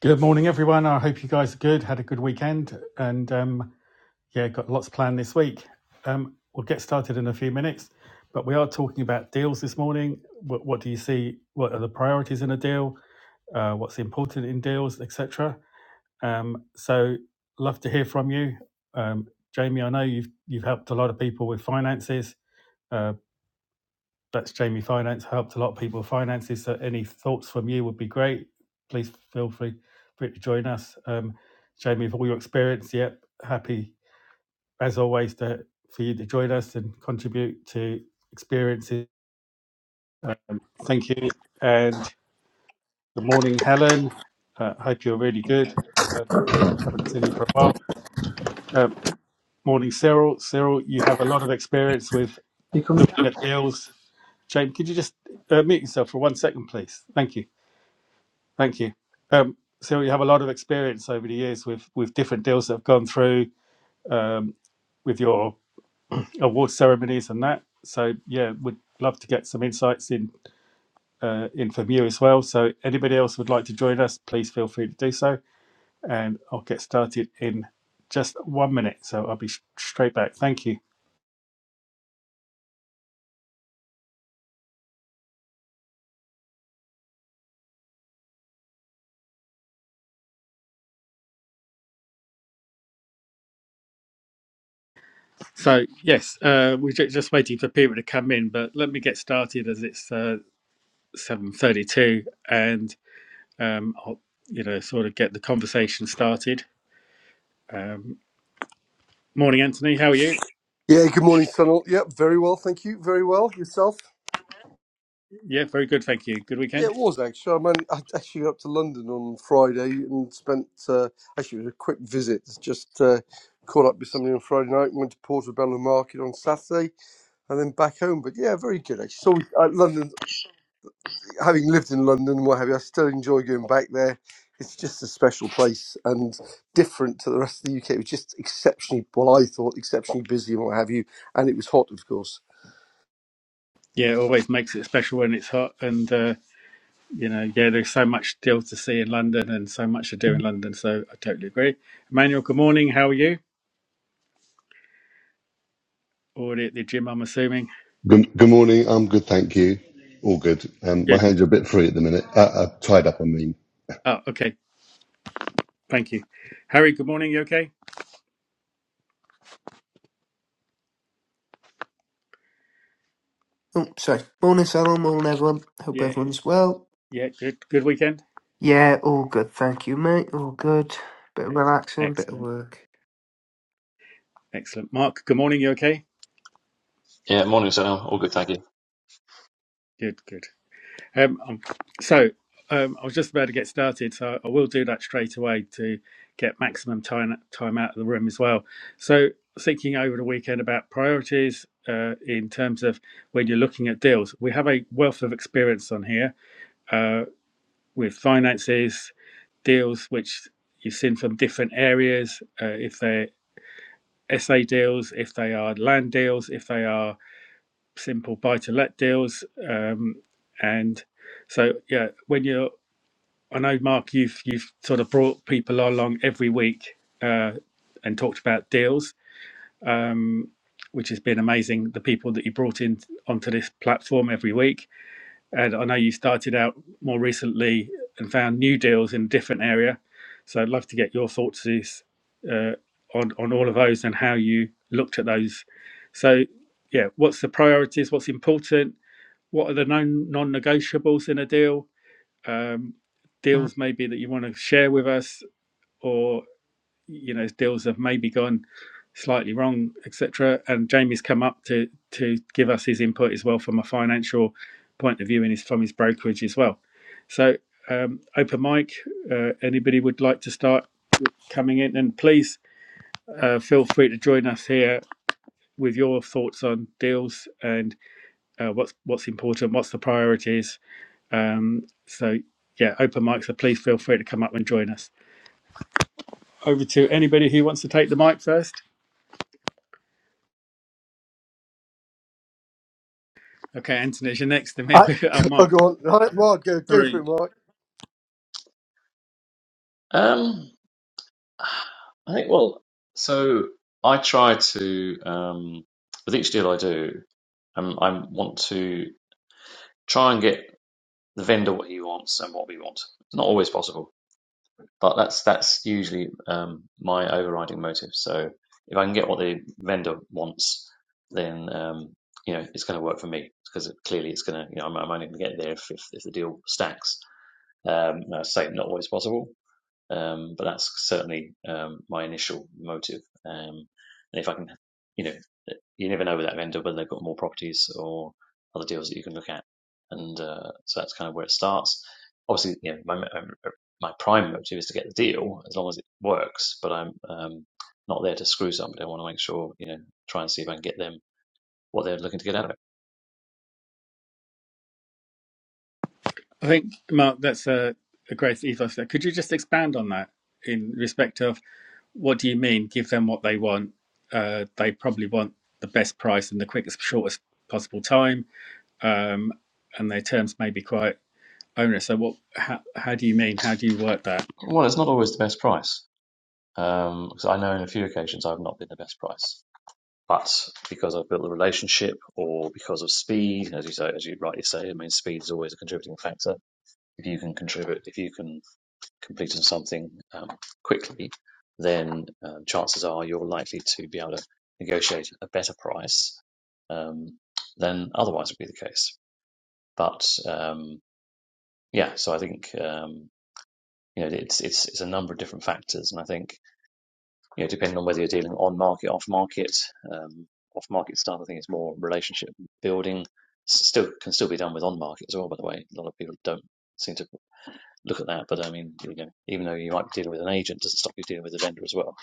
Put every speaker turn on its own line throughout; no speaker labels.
Good morning, everyone. I hope you guys are good. Had a good weekend, and um, yeah, got lots planned this week. Um, we'll get started in a few minutes, but we are talking about deals this morning. What, what do you see? What are the priorities in a deal? Uh, what's important in deals, etc. Um, so, love to hear from you, um, Jamie. I know you've you've helped a lot of people with finances. uh, that's Jamie Finance. Helped a lot of people with finances. So any thoughts from you would be great. Please feel free, free to join us. Um, Jamie, with all your experience, yep, happy as always to, for you to join us and contribute to experiences. Um, thank you. And good morning, Helen. Uh, hope you're really good. Uh, haven't seen you for a while. Uh, morning, Cyril. Cyril, you have a lot of experience with
You coming?
looking at deals. Jamie, could you just uh, mute yourself for one second, please? Thank you. Thank you. Um, so you have a lot of experience over the years with with different deals that have gone through um, with your award ceremonies and that. So yeah, would love to get some insights in uh, in from you as well. So anybody else would like to join us, please feel free to do so, and I'll get started in just one minute. So I'll be sh- straight back. Thank you. So yes, uh, we're ju- just waiting for people to come in, but let me get started as it's uh, seven thirty-two, And um, I'll, you know, sort of get the conversation started. Um, morning, Anthony. How are you?
Yeah, good morning, Sunil. Yep, very well, thank you. Very well. Yourself?
Yeah, very good. Thank you. Good
Yeah,
weekend.
it was actually. I, man- I actually got up to London on Friday and spent, uh, actually, it was a quick visit. Just uh, caught up with somebody on Friday night, went to Portobello Market on Saturday, and then back home. But yeah, very good actually. So uh, London, having lived in London and what have you, I still enjoy going back there. It's just a special place and different to the rest of the UK. It was just exceptionally, well, I thought exceptionally busy and what have you, and it was hot, of course.
Yeah, it always makes it special when it's hot, and uh, you know, yeah, there's so much still to see in London and so much to do in London. So I totally agree. Emmanuel, good morning. How are you? Already at the gym, I'm assuming.
Good, good morning. I'm good, thank you. All good. Um, my
Good.
hands are a bit free at the minute. Uh, uh, tied up, I mean.
Oh, okay. Thank you. Harry, good morning. You okay?
Oh, sorry. Morning, Salon. Morning, everyone. Hope
Yeah.
everyone's well.
Yeah. Good. Good weekend.
Yeah, all good. Thank you, mate. All good. Bit of relaxing, bit of
Excellent.
work.
Excellent. Mark, good morning. You okay?
Yeah, morning, Sunil. All good, thank you.
Good. Good. Um, um, so um, I was just about to get started, so I will do that straight away to get maximum time time out of the room as well. So thinking over the weekend about priorities uh, in terms of when you're looking at deals, we have a wealth of experience on here uh, with finances, deals which you've seen from different areas, uh, if they're SA deals, if they are land deals, if they are simple buy to let deals, um, and so yeah, when you're I know, Mark, you've you've sort of brought people along every week uh, and talked about deals, um, which has been amazing. The people that you brought in onto this platform every week, and I know you started out more recently and found new deals in a different area. So I'd love to get your thoughts is, uh, on on all of those and how you looked at those. So yeah, what's the priorities? What's important? What are the non non negotiables in a deal? um, deals maybe that you want to share with us, or you know deals have maybe gone slightly wrong, etc. And Jamie's come up to to give us his input as well from a financial point of view and his from his brokerage as well. So um, open mic, uh, anybody would like to start coming in, and please uh, feel free to join us here with your thoughts on deals and uh, what's what's important, what's the priorities, um, so yeah, open mic. So please feel free to come up and join us. Over to anybody who wants to take the mic first. Okay, Anthony, you're next to me.
I,
I'll
oh,
mark.
go on. Right, Mark, go, go for
Sorry.
it, Mark.
Um, I think, well, so I try to, um, with each deal I do, um, I want to try and get the vendor what he wants and what we want. It's not always possible, but that's that's usually um, my overriding motive. So if I can get what the vendor wants, then um, you know it's going to work for me because clearly it's going to. You know, I'm, I'm only going to get there if, if, if the deal stacks. Um, no, I say not always possible, Um, but that's certainly um, my initial motive. Um, and if I can, you know, you never know with that vendor whether they've got more properties or other deals that you can look at. And uh, so that's kind of where it starts. Obviously, you know, my, my prime motive is to get the deal as long as it works, but I'm um, not there to screw somebody. I want to make sure, you know, try and see if I can get them what they're looking to get out of it.
I think Mark, that's a, a great ethos there. Could you just expand on that in respect of what do you mean? Give them what they want. Uh, they probably want the best price in the quickest, shortest possible time, um, and their terms may be quite onerous. So, what? How, how do you mean? How do you work that?
Well, it's not always the best price. Um, because I know in a few occasions I've not been the best price. But because I've built a relationship or because of speed, as you say, as you rightly say, I mean, speed is always a contributing factor. If you can contribute, if you can complete on something um, quickly, then um, chances are you're likely to be able to negotiate a better price um, than otherwise would be the case. But um, yeah, so I think um, you know it's it's it's a number of different factors, and I think you know, depending on whether you're dealing on market, off market, um, off market stuff, I think it's more relationship building. Still can still be done with on market as well, by the way. A lot of people don't seem to look at that, but I mean, you know, even though you might be dealing with an agent, it doesn't stop you dealing with a vendor as well.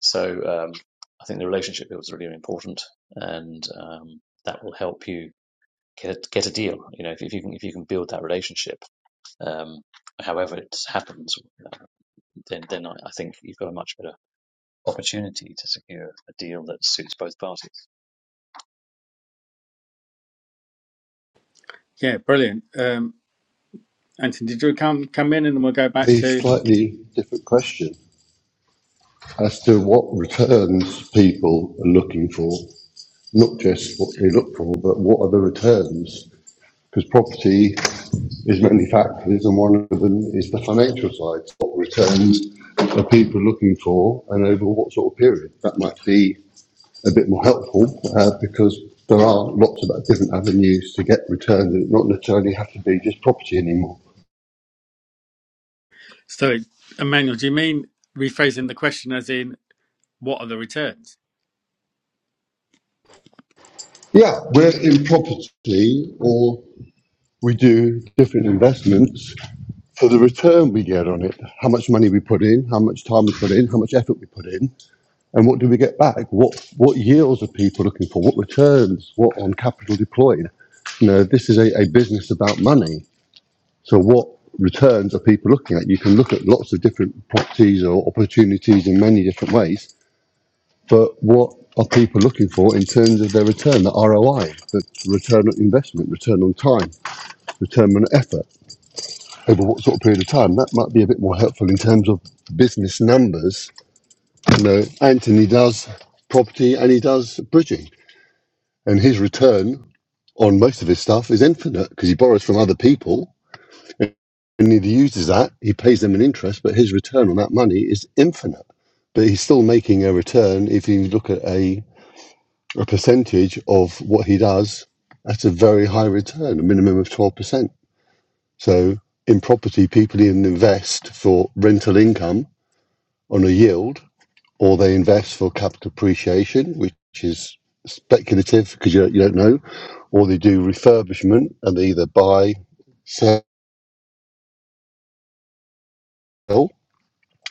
So um, I think the relationship build is really important, and um, that will help you get a, get a deal. You know, if, if you can if you can build that relationship, um, however it happens, uh, then then I, I think you've got a much better opportunity to secure a deal that suits both parties.
Yeah, brilliant. Um, Anthony, did you come come in and then we'll go back
A
to
slightly different question as to what returns people are looking for, not just what they look for, but what are the returns? Because property is many factors, and one of them is the financial side. What returns are people looking for, and over what sort of period? That might be a bit more helpful uh, because there are lots of different avenues to get returns and it not necessarily have to be just property anymore.
so Emmanuel, do you mean rephrasing the question as in what are the returns?
Yeah, we're in property or we do different investments for the return we get on it, how much money we put in, how much time we put in, how much effort we put in, and what do we get back? What what yields are people looking for? What returns? What on capital deployed? You know, this is a, a business about money So what returns are people looking at? You can look at lots of different properties or opportunities in many different ways, but what are people looking for in terms of their return, the ROI, the return on investment, return on time, return on effort over what sort of period of time? That might be a bit more helpful in terms of business numbers. You know, Anthony does property and he does bridging, and his return on most of his stuff is infinite because he borrows from other people And he uses that, he pays them an interest, but his return on that money is infinite. But he's still making a return if you look at a, a percentage of what he does. That's a very high return, a minimum of 12%. So in property, people either invest for rental income on a yield or they invest for capital appreciation, which is speculative because you, don't- you don't know, or they do refurbishment and they either buy, sell,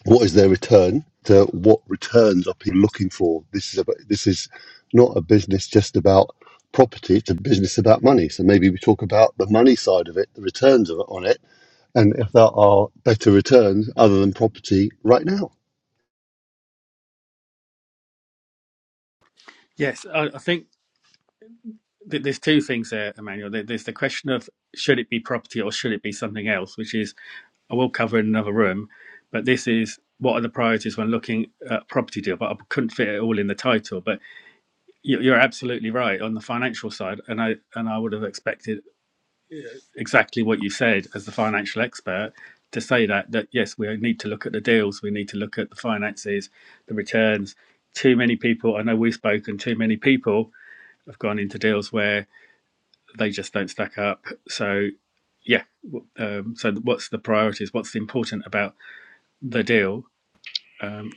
what is their return to what returns are people looking for this is about this is not a business just about property it's a business about money so maybe we talk about the money side of it the returns of it on it and if there are better returns other than property right now
Yes, I, I think that there's two things there, Emmanuel. There- There's the question of should it be property or should it be something else, which is I will cover in another room, but this is what are the priorities when looking at a property deal. But I couldn't fit it all in the title. But you- you're absolutely right on the financial side, and I and I would have expected exactly what you said as the financial expert to say that that yes we need to look at the deals we need to look at the finances the returns too many people i know we've spoken too many people have gone into deals where they just don't stack up so yeah um, so what's the priorities what's important about the deal um,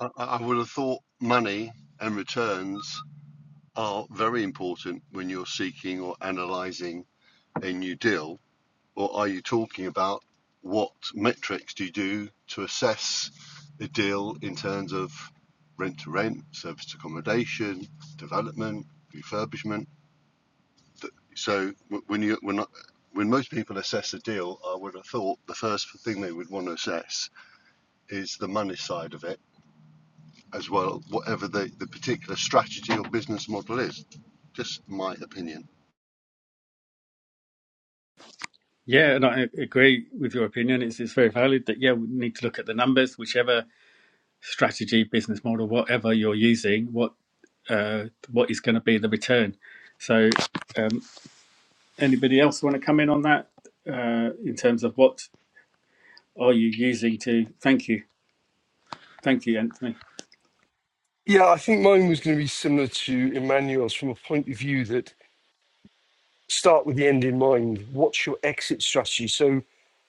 i, I I would have thought money and returns are very important when you're seeking or analyzing a new deal or are you talking about what metrics do you do to assess a deal in terms of rent to rent, service accommodation, development, refurbishment? So when you when I- when most people assess a deal, I would have thought the first thing they would want to assess is the money side of it as well, whatever the, the particular strategy or business model is. Just my opinion.
yeah and i agree with your opinion it's, it's very valid that yeah we need to look at the numbers whichever strategy business model whatever you're using what uh, what is going to be the return. So, um, anybody else want to come in on that uh, in terms of what are you using to? Thank you, thank you, Anthony.
Yeah, I think mine was going to be similar to Emmanuel's from a point of view that start with the end in mind. What's your exit strategy? So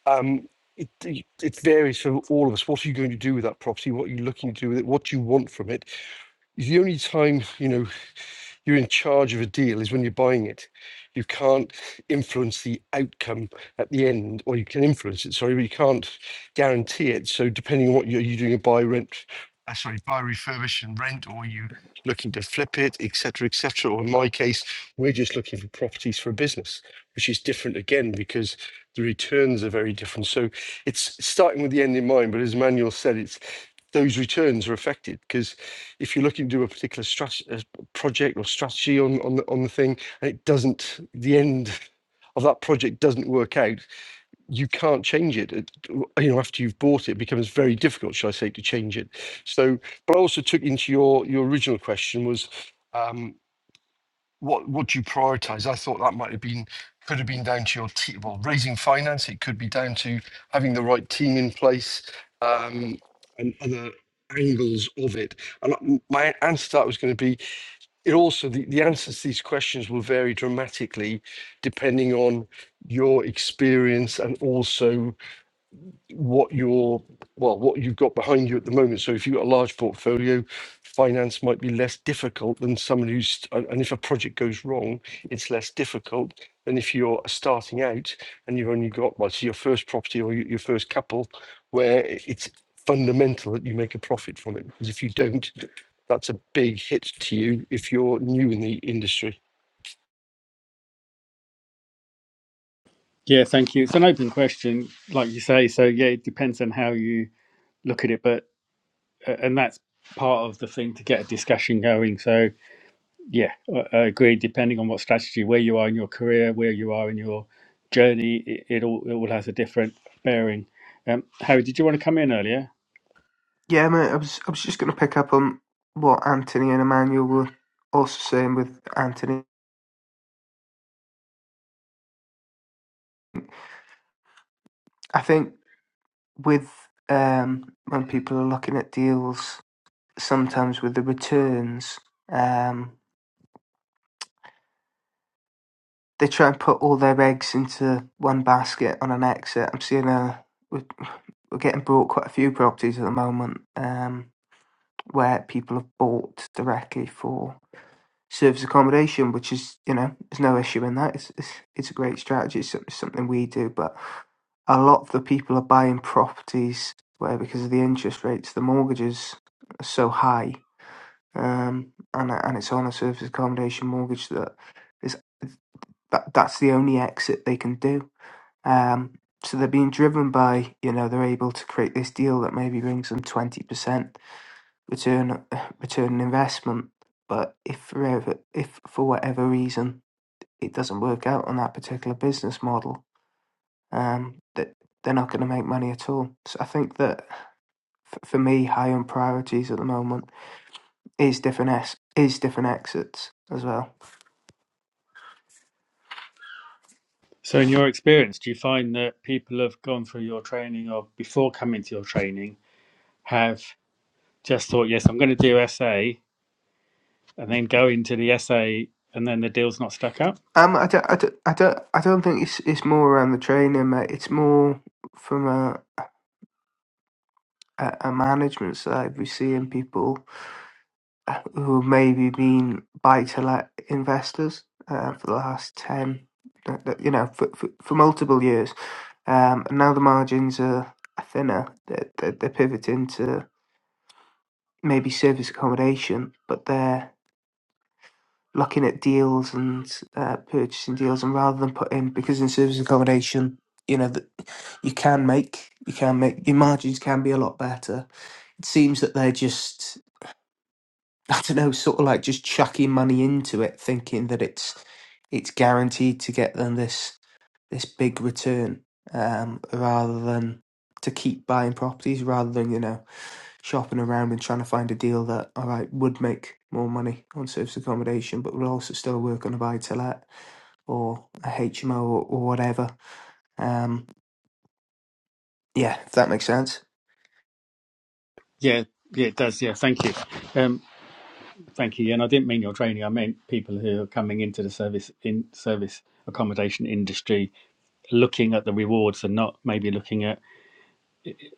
um, it, it varies for all of us. What are you going to do with that property? What are you looking to do with it? What do you want from it? The only time, you know. You're in charge of a deal is when you're buying it. You can't influence the outcome at the end, or you can influence it, sorry, but you can't guarantee it. So depending on what you're, you're doing a buy rent, uh, sorry, buy refurbish and rent, or you looking to flip it, et cetera, et cetera. Or in my case, we're just looking for properties for a business, which is different again because the returns are very different. So it's starting with the end in mind, but as Manuel said, it's those returns are affected because if you're looking to do a particular strat- project or strategy on on the, on the thing, and it doesn't the end of that project doesn't work out, you can't change it. It- You know, after you've bought it, it becomes very difficult, shall I say, to change it. So, but I also took into your your original question was, um, what what do you prioritize? I thought that might have been could have been down to your team. Well, raising finance, it could be down to having the right team in place um, and other angles of it. And uh, my answer to that was going to be it also the, the answers to these questions will vary dramatically depending on your experience and also what your well what you've got behind you at the moment so if you've got a large portfolio finance might be less difficult than someone who's and and if a project goes wrong it's less difficult than if you're starting out and you've only got well so your first property or your your first couple where i- it's fundamental that you make a profit from it because if you don't that's a big hit to you if you're new in the industry
Yeah, thank you. It's an open question, like you say. So yeah, it depends on how you look at it, but uh, and that's part of the thing to get a discussion going. So yeah, I, I agree. Depending on what strategy, where you are in your career, where you are in your journey, it, it all it all has a different bearing. Um, Harry, did you want to come in earlier?
Yeah, mate. I was I was just going to pick up on what Anthony and Emmanuel were also saying with Anthony. I think with um when people are looking at deals, sometimes with the returns, um, they try and put all their eggs into one basket on an exit. I'm seeing a we're, we're getting brought quite a few properties at the moment. Um, where people have bought directly for service accommodation, which is, you know, there's no issue in that. It's, it's, it's a great strategy. It's something we do. But a lot of the people are buying properties where, because of the interest rates, the mortgages are so high. Um, and, and it's on a service accommodation mortgage that is that that's the only exit they can do. Um, so they're being driven by, you know, they're able to create this deal that maybe brings them 20%. Return, return an investment. But if for ever, if for whatever reason it doesn't work out on that particular business model, um, that they're not going to make money at all. So I think that f- for me, high on priorities at the moment is different es- is different exits as well.
So, in your experience, do you find that people have gone through your training or before coming to your training have just thought, yes, I'm going to do SA and then go into the SA and then the deal's not stuck up?
Um, I don't, I don't, I don't, I don't think it's it's more around the training, mate. It's more from a a, a management side. We're seeing people who have maybe been buy-to-let investors uh, for the last 10, uh, uh, you know, for, for, for multiple years. Um, and now the margins are are thinner. They're, they're, they're pivoting to maybe service accommodation, but they're looking at deals and uh, purchasing deals. And rather than put in, because in service accommodation, you know, that you can make, you can make, your margins can be a lot better. It seems that they're just I don't know, sort of like just chucking money into it, thinking that it's it's guaranteed to get them this this big return, um, rather than to keep buying properties, rather than you know shopping around and trying to find a deal that all right would make more money on service accommodation, but would also still work on a buy to let or a HMO or, or whatever. Um, yeah, if that makes sense.
Yeah, yeah, it does. Yeah, thank you. Um, thank you. And I didn't mean your training, I meant people who are coming into the service in service accommodation industry looking at the rewards and not maybe looking at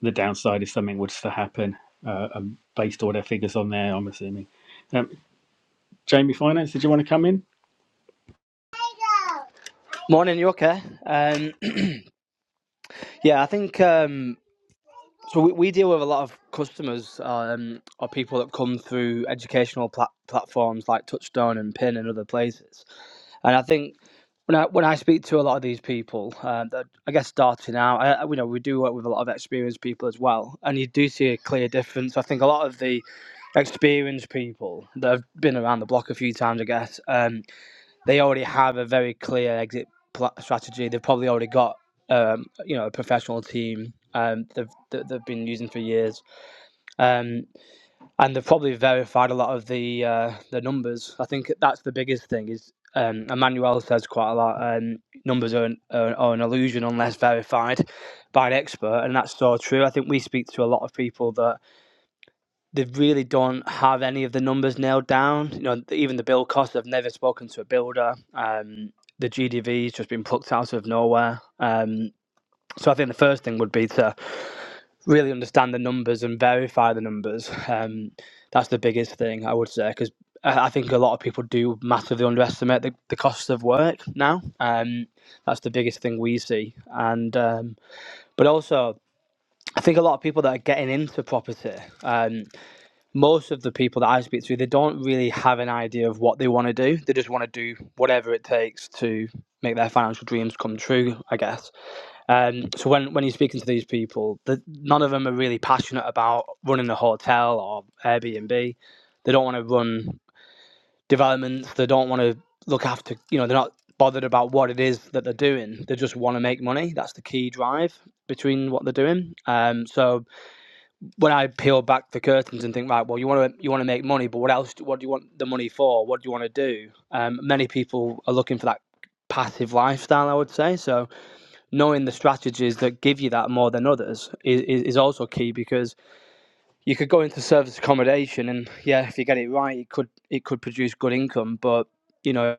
the downside if something was to happen uh, and based all their figures on there, I'm assuming. Um, Jamie Finance, did you want to come in?
Morning, you okay? Um, yeah, I think um, so. We, we deal with a lot of customers um, or people that come through educational plat- platforms like Touchstone and Pin and other places. And I think when I when I speak to a lot of these people, uh, that I guess starting out, I, I- you know, we do work with a lot of experienced people as well, and you do see a clear difference. I think a lot of the experienced people that have been around the block a few times, I guess. Um, they already have a very clear exit pla- strategy. They've probably already got um, you know a professional team um, they've, that they've been using for years, um, and they've probably verified a lot of the uh, the numbers. I think that's the biggest thing is. Um, Emmanuel says quite a lot. Um, numbers are an, are, are an illusion unless verified by an expert, and that's so true. I think we speak to a lot of people that they really don't have any of the numbers nailed down. You know, even the build costs, they've never spoken to a builder. Um, the GDV's just been plucked out of nowhere. Um, so I think the first thing would be to really understand the numbers and verify the numbers. Um, that's the biggest thing I would say because I I think a lot of people do massively underestimate the, the costs of work now. Um, that's the biggest thing we see, and um, but also I think a lot of people that are getting into property. Um, most of the people that I speak to, they don't really have an idea of what they want to do. They just want to do whatever it takes to make their financial dreams come true, I guess. Um, so when, when you're speaking to these people, the, none of them are really passionate about running a hotel or Airbnb. They don't want to run developments. They don't want to look after, you know, they're not bothered about what it is that they're doing. They just want to make money. That's the key drive between what they're doing. Um, so when I peel back the curtains and think, right, well, you want to you want to make money, but what else? What do you want the money for? What do you want to do? Um, many people are looking for that passive lifestyle, I would say. So knowing the strategies that give you that more than others is, is, is also key because you could go into service accommodation and yeah, if you get it right, it could it could produce good income, but you know,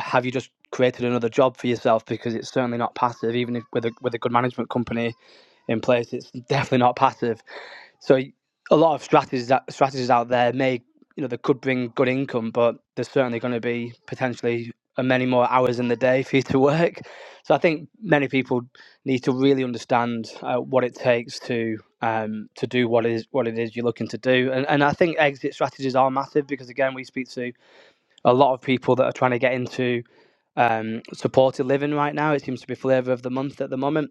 have you just created another job for yourself because it's certainly not passive, even if with a with a good management company in place, it's definitely not passive. So a lot of strategies that strategies out there may you know they could bring good income, but there's certainly going to be potentially uh, many more hours in the day for you to work. So I think many people need to really understand uh, what it takes to um, to do what is what it is you're looking to do, and and I think exit strategies are massive because again we speak to a lot of people that are trying to get into um, supported living right now. It seems to be flavour of the month at the moment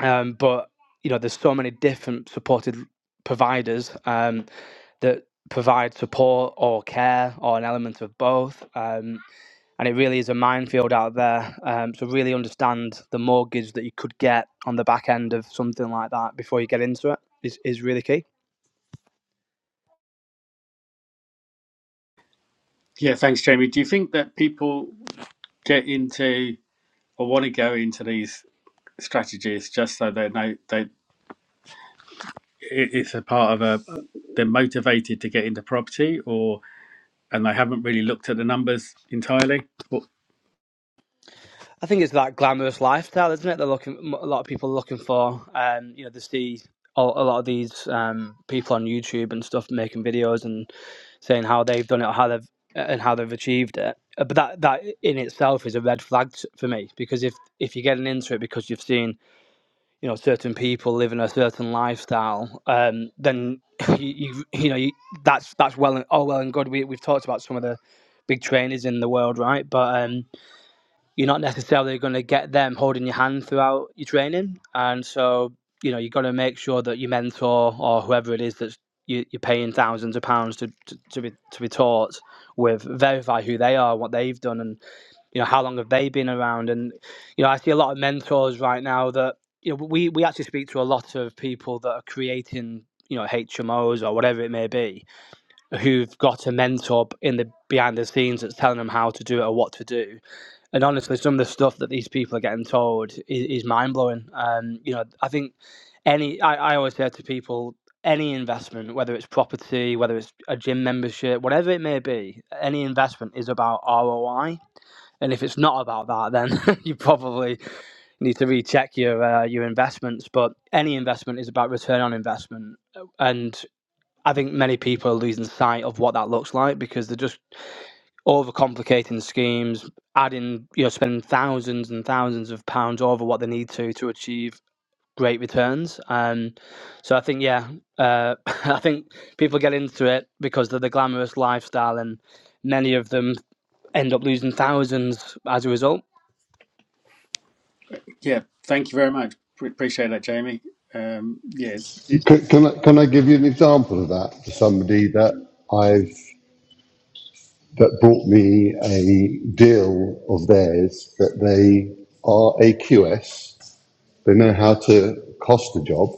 um, but you know there's so many different supported providers um, that provide support or care or an element of both um, and it really is a minefield out there um, so really understand the mortgage that you could get on the back end of something like that before you get into it is, is really key
Yeah, thanks, Jamie. Do you think that people get into or want to go into these strategies just so they know they it- it's a part of a they're motivated to get into property or and they haven't really looked at the numbers entirely? Well,
I think it's that glamorous lifestyle, isn't it? They're looking A lot of people are looking for. Um, you know, they see a a lot of these um, people on YouTube and stuff making videos and saying how they've done it, or how they've and how they've achieved it. Uh, But that that in itself is a red flag t- for me because if if you're getting into it because you've seen you know certain people living a certain lifestyle, um, then you, you you know you, that's that's well and all well and good. We we've talked about some of the big trainers in the world, right? But um, you're not necessarily going to get them holding your hand throughout your training. And so, you know, you've got to make sure that your mentor or whoever it is that you, you're paying thousands of pounds to, to, to be to be taught with verify who they are, what they've done, and you know how long have they been around. And you know, I see a lot of mentors right now that you know we we actually speak to a lot of people that are creating you know HMOs or whatever it may be, who've got a mentor in the behind the scenes that's telling them how to do it or what to do and honestly, some of the stuff that these people are getting told is, is mind blowing. Um, you know, I think any, I, I always say to people, any investment, whether it's property, whether it's a gym membership, whatever it may be, any investment is about ROI. And if it's not about that, then you probably need to recheck your uh, your investments. But any investment is about return on investment, and I think many people are losing sight of what that looks like because they're just overcomplicating schemes, adding, you know, spending thousands and thousands of pounds over what they need to to achieve great returns. Um, so I think, yeah, uh, I think people get into it because of the glamorous lifestyle, and many of them end up losing thousands as a result.
yeah, thank you very much. Pre- Appreciate that, Jamie. Um, yes, yeah, it's- it-
Can, can I can I give you an example of that for somebody that I've that brought me a deal of theirs that they are a QS. They know how to cost a job,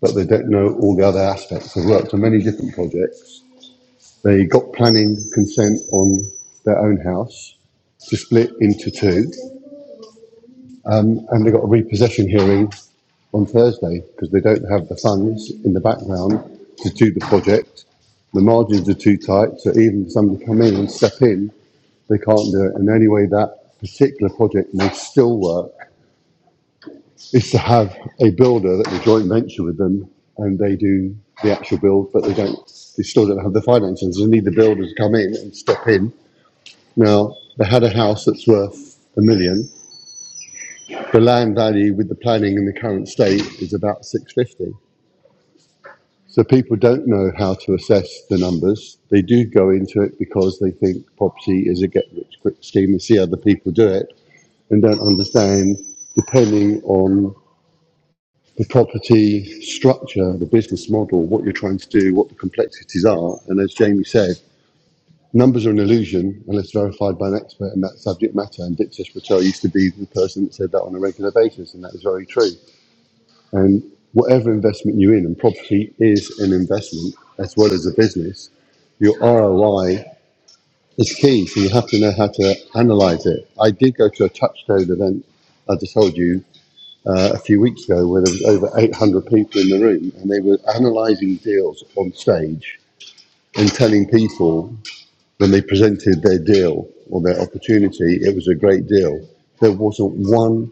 but they don't know all the other aspects. They've worked on many different projects. They got planning consent on their own house to split into two, um, and they got a repossession hearing on Thursday because they don't have the funds in the background to do the project. The margins are too tight, so even somebody come in and step in they can't do it. And the only way that particular project may still work is to have a builder that we joint venture with them and they do the actual build, but they don't, they still don't have the finances. They need the builder to come in and step in. Now, they had a house that's worth a million. The land value with the planning in the current state is about 650. So people don't know how to assess the numbers. They do go into it because they think property is a get rich quick scheme and see other people do it and don't understand, depending on the property structure, the business model, what you're trying to do, what the complexities are. And as Jamie said, numbers are an illusion unless verified by an expert in that subject matter. And Dick Patel used to be the person that said that on a regular basis, and that is very true. And whatever investment you're in, and property is an investment as well as a business, your ROI is key. So you have to know how to analyze it. I did go to a touchstone event, I just told you, uh, a few weeks ago where there was over 800 people in the room and they were analysing deals on stage and telling people when they presented their deal or their opportunity, it was a great deal. There wasn't one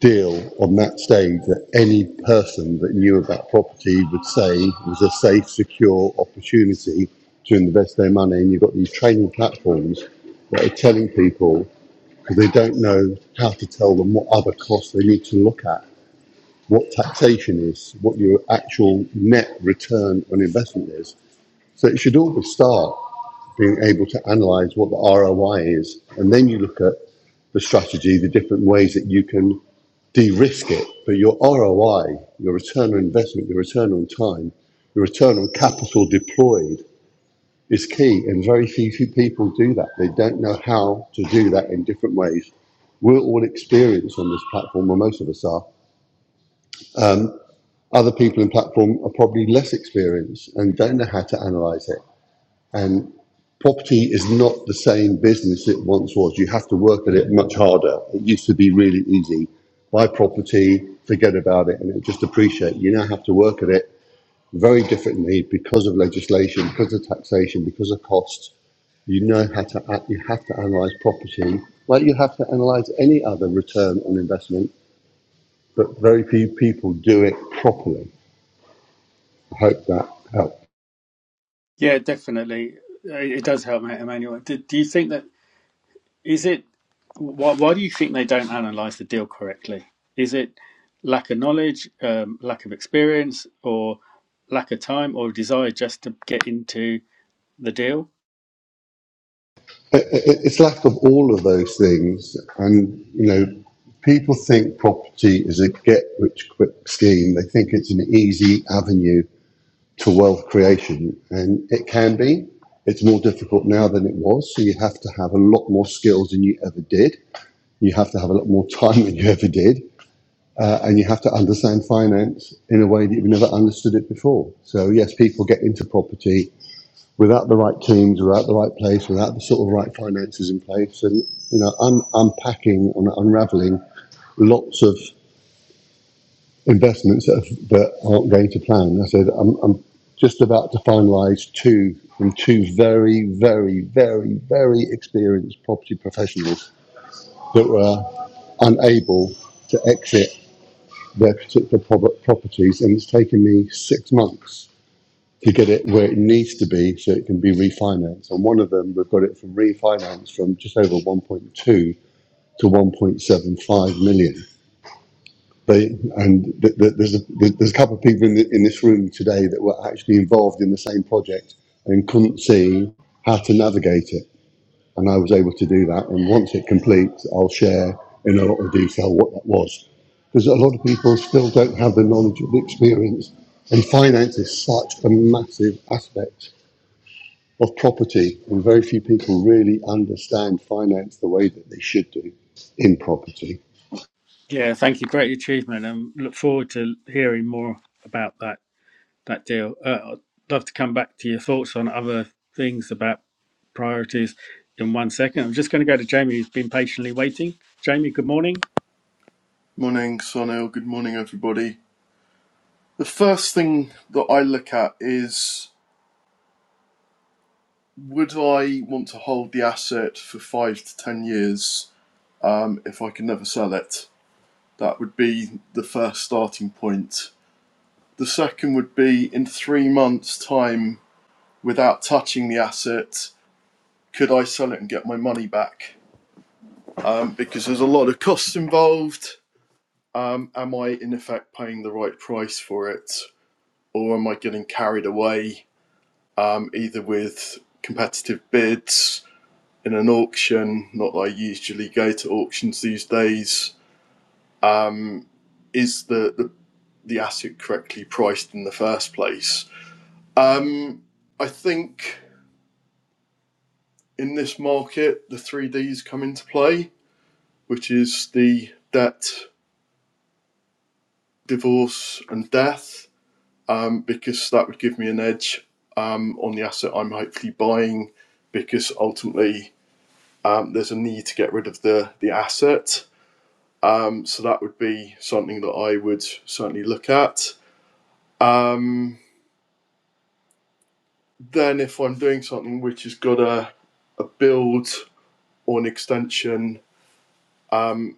deal on that stage that any person that knew about property would say was a safe, secure opportunity to invest their money. And you've got these training platforms that are telling people because they don't know how to tell them what other costs they need to look at what taxation is, what your actual net return on investment is. So it should always start being able to analyze what the ROI is. And then you look at the strategy, the different ways that you can de risk it. But your ROI, your return on investment, your return on time, your return on capital deployed is key. And very few people do that. They don't know how to do that in different ways. We're all experienced on this platform, or most of us are. um, Other people in platform are probably less experienced and don't know how to analyze it. And property is not the same business it once was. You have to work at it much harder. It used to be really easy. Buy property, forget about it, and it just appreciate. You now have to work at it very differently because of legislation, because of taxation, because of costs. You know how to you have to analyze property like you have to analyze any other return on investment, but very few people do it properly. I hope that helps.
yeah, definitely. Uh, It does help, Emmanuel. Do, do you think that? Is it why, why do you think they don't analyze the deal correctly? Is it lack of knowledge, um, lack of experience, or lack of time, or desire just to get into the deal?
it- it- it's lack of all of those things. And, you know, people think property is a get rich quick scheme. They think it's an easy avenue to wealth creation, and it can be. It's more difficult now than it was. So you have to have a lot more skills than you ever did. You have to have a lot more time than you ever did. Uh, and you have to understand finance in a way that you've never understood it before. So, yes, people get into property without the right teams, without the right place, without the sort of right finances in place, and you know, un- unpacking and unraveling lots of investments that, have, that aren't going to plan. I said, I'm, I'm just about to finalise two from two very, very, very, very experienced property professionals that were unable to exit their particular properties, and it's taken me six months to get it where it needs to be so it can be refinanced. And one of them, we've got it from refinance from just over 1.2 to 1.75 million. They, and th- th- there's, a, th- there's a couple of people in, the, in this room today that were actually involved in the same project and couldn't see how to navigate it. And I was able to do that. And once it completes, I'll share in a lot of detail what that was. Because a lot of people still don't have the knowledge or the experience. And finance is such a massive aspect of property, and very few people really understand finance the way that they should do in property.
Yeah, thank you. Great achievement, and look forward to hearing more about that that deal. Uh, I'd love to come back to your thoughts on other things about priorities in one second. I'm just going to go to Jamie, who's been patiently waiting. Jamie, good morning.
Morning, Sonil. Good morning, everybody. The first thing that I look at is would I want to hold the asset for five to ten years um, if I can never sell it? That would be the first starting point. The second would be in three months' time, without touching the asset, could I sell it and get my money back? Um, because there's a lot of costs involved. Um, am I in effect paying the right price for it? Or am I getting carried away um, either with competitive bids in an auction, not that I usually go to auctions these days. Is the, the, the asset correctly priced in the first place? Um, I think in this market, the 3Ds come into play, which is the debt, divorce, and death, um, because that would give me an edge um, on the asset I'm hopefully buying, because ultimately um, there's a need to get rid of the, the asset. Um, so that would be something that I would certainly look at. Um, then, if I'm doing something which has got a, a build or an extension, um,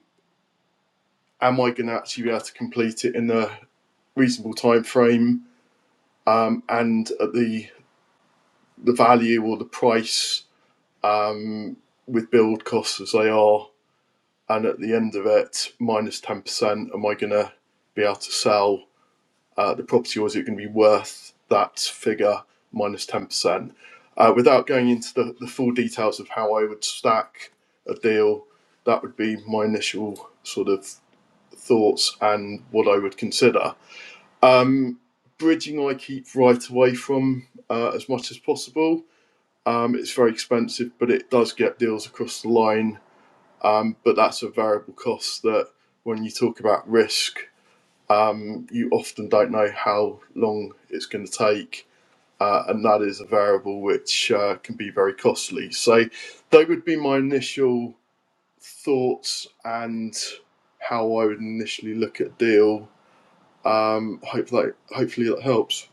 am I going to actually be able to complete it in a reasonable time frame um, and at the the value or the price um, with build costs as they are, and at the end of it, minus ten percent, am I going to be able to sell uh, the property was it going to be worth that figure 10%? Uh, without going into the, the full details of how I would stack a deal, that would be my initial sort of thoughts and what I would consider. Um, bridging, I keep right away from uh, as much as possible. Um, it's very expensive, but it does get deals across the line. Um, but that's a variable cost that when you talk about risk, you often don't know how long it's going to take. uh, and that is a variable which uh, can be very costly. So, they would be my initial thoughts and how I would initially look at a deal. Um, hope that hopefully that helps.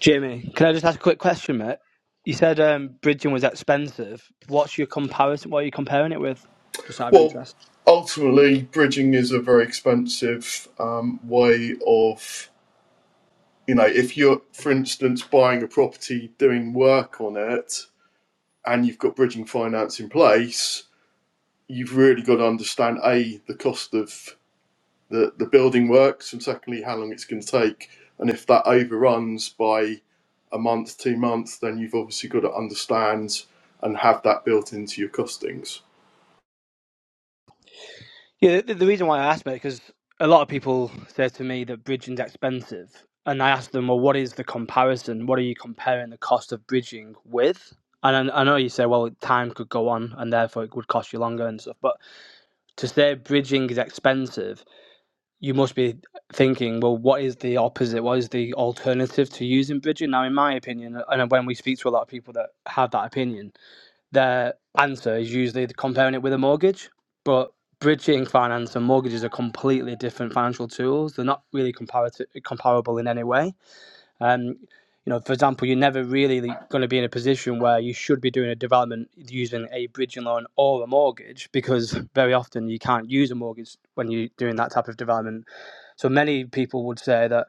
Jimmy, can I just ask a quick question, mate? You said um, bridging was expensive. What's your comparison? What are you comparing it with? Just out of
Well,
interest.
ultimately, bridging is a very expensive um, way of you know if you're, for instance, buying a property, doing work on it, and you've got bridging finance in place. You've really got to understand a the cost of the, the building works, and secondly, how long it's going to take. And if that overruns by a month, two months, then you've obviously got to understand and have that built into your costings.
Yeah, the, the reason why I asked about it because a lot of people say to me that bridging's expensive, and I ask them, well, what is the comparison? What are you comparing the cost of bridging with? And I, I know you say, well, time could go on, and therefore it would cost you longer and stuff. But to say bridging is expensive, you must be thinking, well, what is the opposite? What is the alternative to using bridging? Now, in my opinion, and when we speak to a lot of people that have that opinion, their answer is usually comparing it with a mortgage. But bridging finance and mortgages are completely different financial tools. They're not really comparative, comparable in any way. Um, you know, for example, you're never really going to be in a position where you should be doing a development using a bridging loan or a mortgage because very often you can't use a mortgage when you're doing that type of development. So many people would say that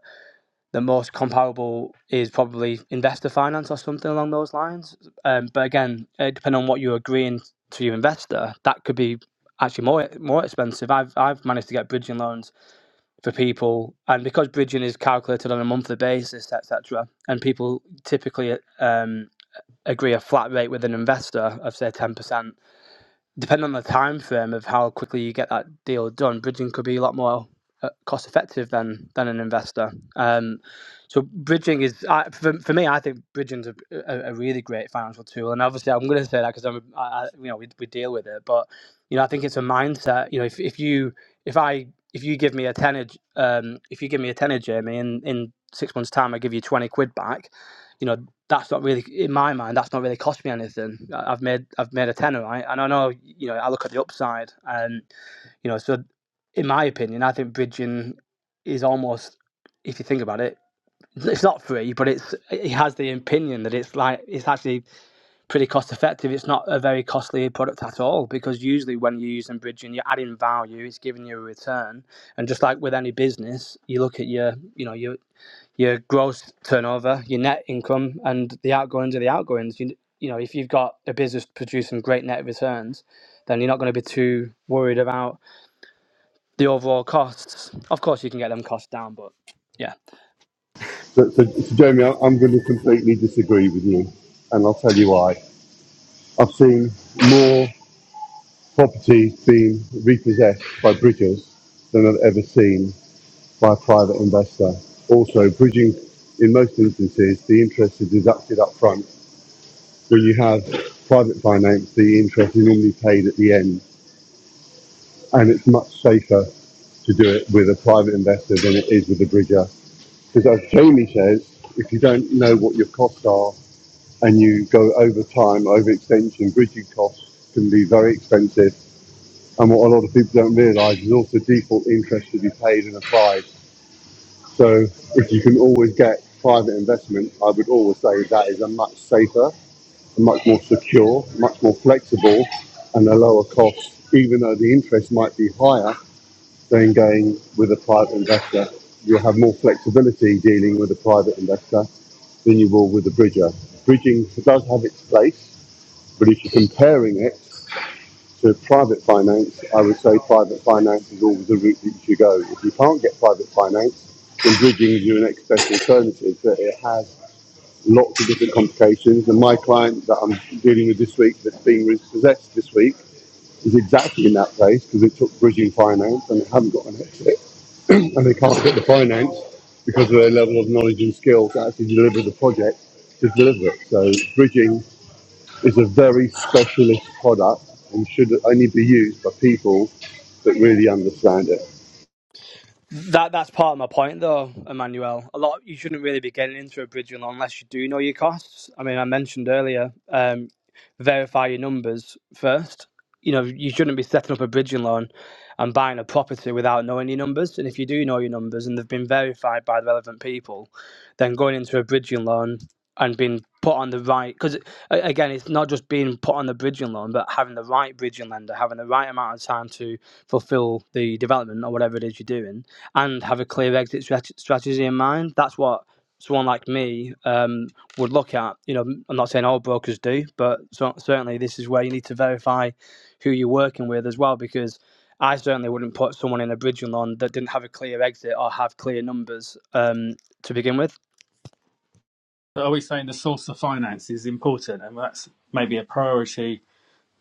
the most comparable is probably investor finance or something along those lines. Um, but again, uh, depending on what you're agreeing to your investor, that could be actually more more expensive. I've I've managed to get bridging loans for people, and because bridging is calculated on a monthly basis, etc., and people typically um, agree a flat rate with an investor of say ten percent depending on the time frame of how quickly you get that deal done, bridging could be a lot more uh, cost effective than than an investor. Um, so bridging is I, for, for me. I think bridging's a, a, a really great financial tool, and obviously I'm going to say that because I'm I, I, you know we, we deal with it, but you know I think it's a mindset. You know if if you if I if you give me a tenner, um, if you give me a tenner, Jamie, in in six months' time, I give you twenty quid back. You know that's not really in my mind. That's not really cost me anything. I- I've made I've made a tenner, right? And I know you know I look at the upside, and you know so in my opinion, I think bridging is almost if you think about it, it's not free, but it's it has the opinion that it's like it's actually pretty cost effective. It's not a very costly product at all because usually when you're using bridging, you're adding value, it's giving you a return, and just like with any business, you look at your you know your your gross turnover, your net income, and the outgoings are the outgoings. You, you know, if you've got a business producing great net returns, then you're not going to be too worried about the overall costs. Of course, you can get them costs down, but yeah.
So, so, so Jeremy, I- am going to completely disagree with you, and I'll tell you why. I've seen more properties being repossessed by bridgers than I've ever seen by a private investor. Also, bridging, in most instances, the interest is deducted up front. When you have private finance, the interest is normally paid at the end, and it's much safer to do it with a private investor than it is with a bridger. Because as Jamie says, if you don't know what your costs are and you go over time, over extension, bridging costs can be very expensive. And what a lot of people don't realise is also default interest to be paid and applied. So if you can always get private investment, I would always say that is a much safer, a much more secure, much more flexible and a lower cost, even though the interest might be higher than going with a private investor. You'll have more flexibility dealing with a private investor than you will with a bridger. Bridging does have its place, but if you're comparing it to private finance, I would say private finance is always the route that you should go. If you can't get private finance, then bridging is your next best alternative. But it has lots of different complications. And my client that I'm dealing with this week, that's being repossessed this week, is exactly in that place because it took bridging finance and they haven't got an exit and they can't get the finance because of their level of knowledge and skill to actually deliver the project to deliver it. So bridging is a very specialist product and should only be used by people that really understand it.
That that's part of my point, though, Emmanuel. A lot you shouldn't really be getting into a bridging loan unless you do know your costs. I mean, I mentioned earlier, um, verify your numbers first. You know, you shouldn't be setting up a bridging loan and buying a property without knowing your numbers. And if you do know your numbers and they've been verified by the relevant people, then going into a bridging loan and being put on the right because again it's not just being put on the bridging loan but having the right bridging lender having the right amount of time to fulfill the development or whatever it is you're doing and have a clear exit strategy in mind that's what someone like me um, would look at you know i'm not saying all brokers do but so, certainly this is where you need to verify who you're working with as well because I certainly wouldn't put someone in a bridging loan that didn't have a clear exit or have clear numbers um, to begin with
But are we saying the source of finance is important and that's maybe a priority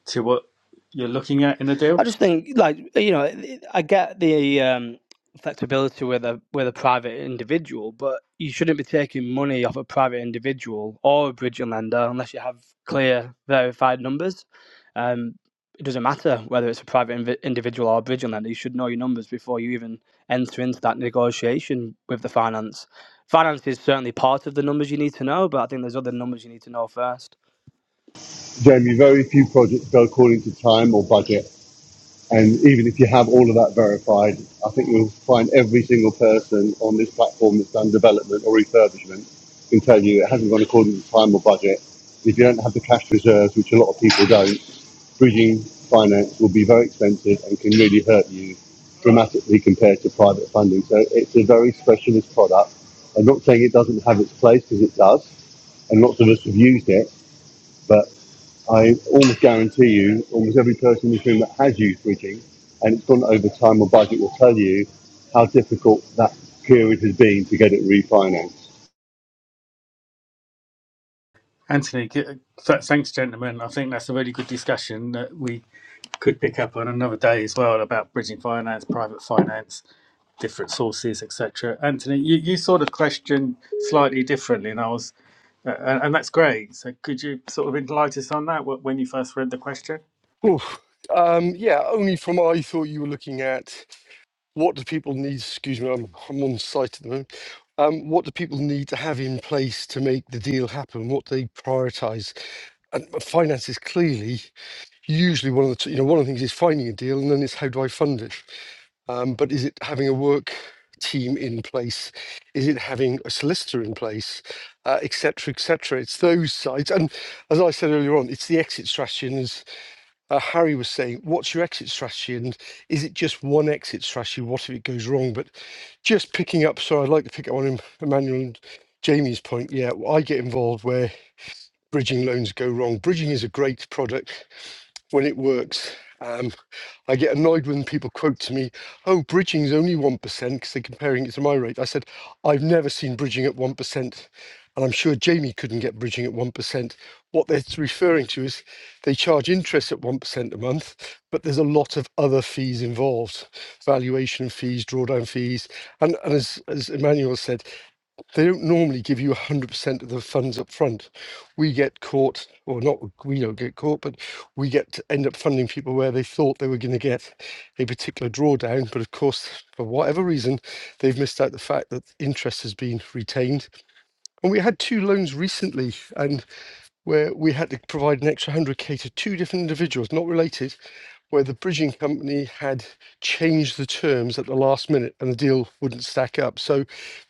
to what you're looking at in a
I
deal?
just think, like you know, I get the um, flexibility with a with a private individual, but you shouldn't be taking money off a private individual or a bridging lender unless you have clear, verified numbers. Um, it doesn't matter whether it's a private invi- individual or a bridging lender. You should know your numbers before you even enter into that negotiation with the finance. Finance is certainly part of the numbers you need to know, but I think there's other numbers you need to know first.
Jamie, very few projects go according to time or budget. And even if you have all of that verified, I think you'll find every single person on this platform that's done development or refurbishment can tell you it hasn't gone according to time or budget. If you don't have the cash reserves, which a lot of people don't, bridging finance will be very expensive and can really hurt you dramatically compared to private funding. So it's a very specialist product. I'm not saying it doesn't have its place because it does, and lots of us have used it but I almost guarantee you, almost every person in this room that has used bridging and it's gone over time or budget will tell you how difficult that period has been to get it refinanced.
Anthony, g- th- thanks, gentlemen. I think that's a really good discussion that we could pick up on another day as well about bridging finance, private finance, different sources, etc. Anthony, you, you sort of questioned slightly differently, and I was, uh, and and that's great. So, could you sort of enlighten us on that wh- when you first read the question?
um yeah only from i thought you were looking at what do people need excuse me i'm, I'm on site at the moment um, what do people need to have in place to make the deal happen? What do they prioritize? And uh, finance is clearly usually one of the t- you know one of the things is finding a deal, and then it's how do I fund it? Um, but is it having a work team in place? Is it having a solicitor in place, uh, et cetera, et cetera? It's those sides, and as I said earlier on, it's the exit strategy. And as uh, Harry was saying, what's your exit strategy? And is it just one exit strategy? What if it goes wrong? But just picking up, so I'd like to pick up on Em- Emmanuel and Jamie's point. Yeah, well, I get involved where bridging loans go wrong. Bridging is a great product when it works. Um, I get annoyed when people quote to me, oh, bridging's only 1% because they're comparing it to my rate. I said, I've never seen bridging at 1%. And I'm sure Jamie couldn't get bridging at 1%. What they're referring to is they charge interest at 1% a month, but there's a lot of other fees involved valuation fees, drawdown fees. And, and as, as Emmanuel said, they don't normally give you 100% of the funds up front we get caught, or not, we don't get caught, but we get to end up funding people where they thought they were going to get a particular drawdown. But of course, for whatever reason, they've missed out the fact that interest has been retained. And we had two loans recently, and where we had to provide an extra 100K to two different individuals, not related, where the bridging company had changed the terms at the last minute and the deal wouldn't stack up. So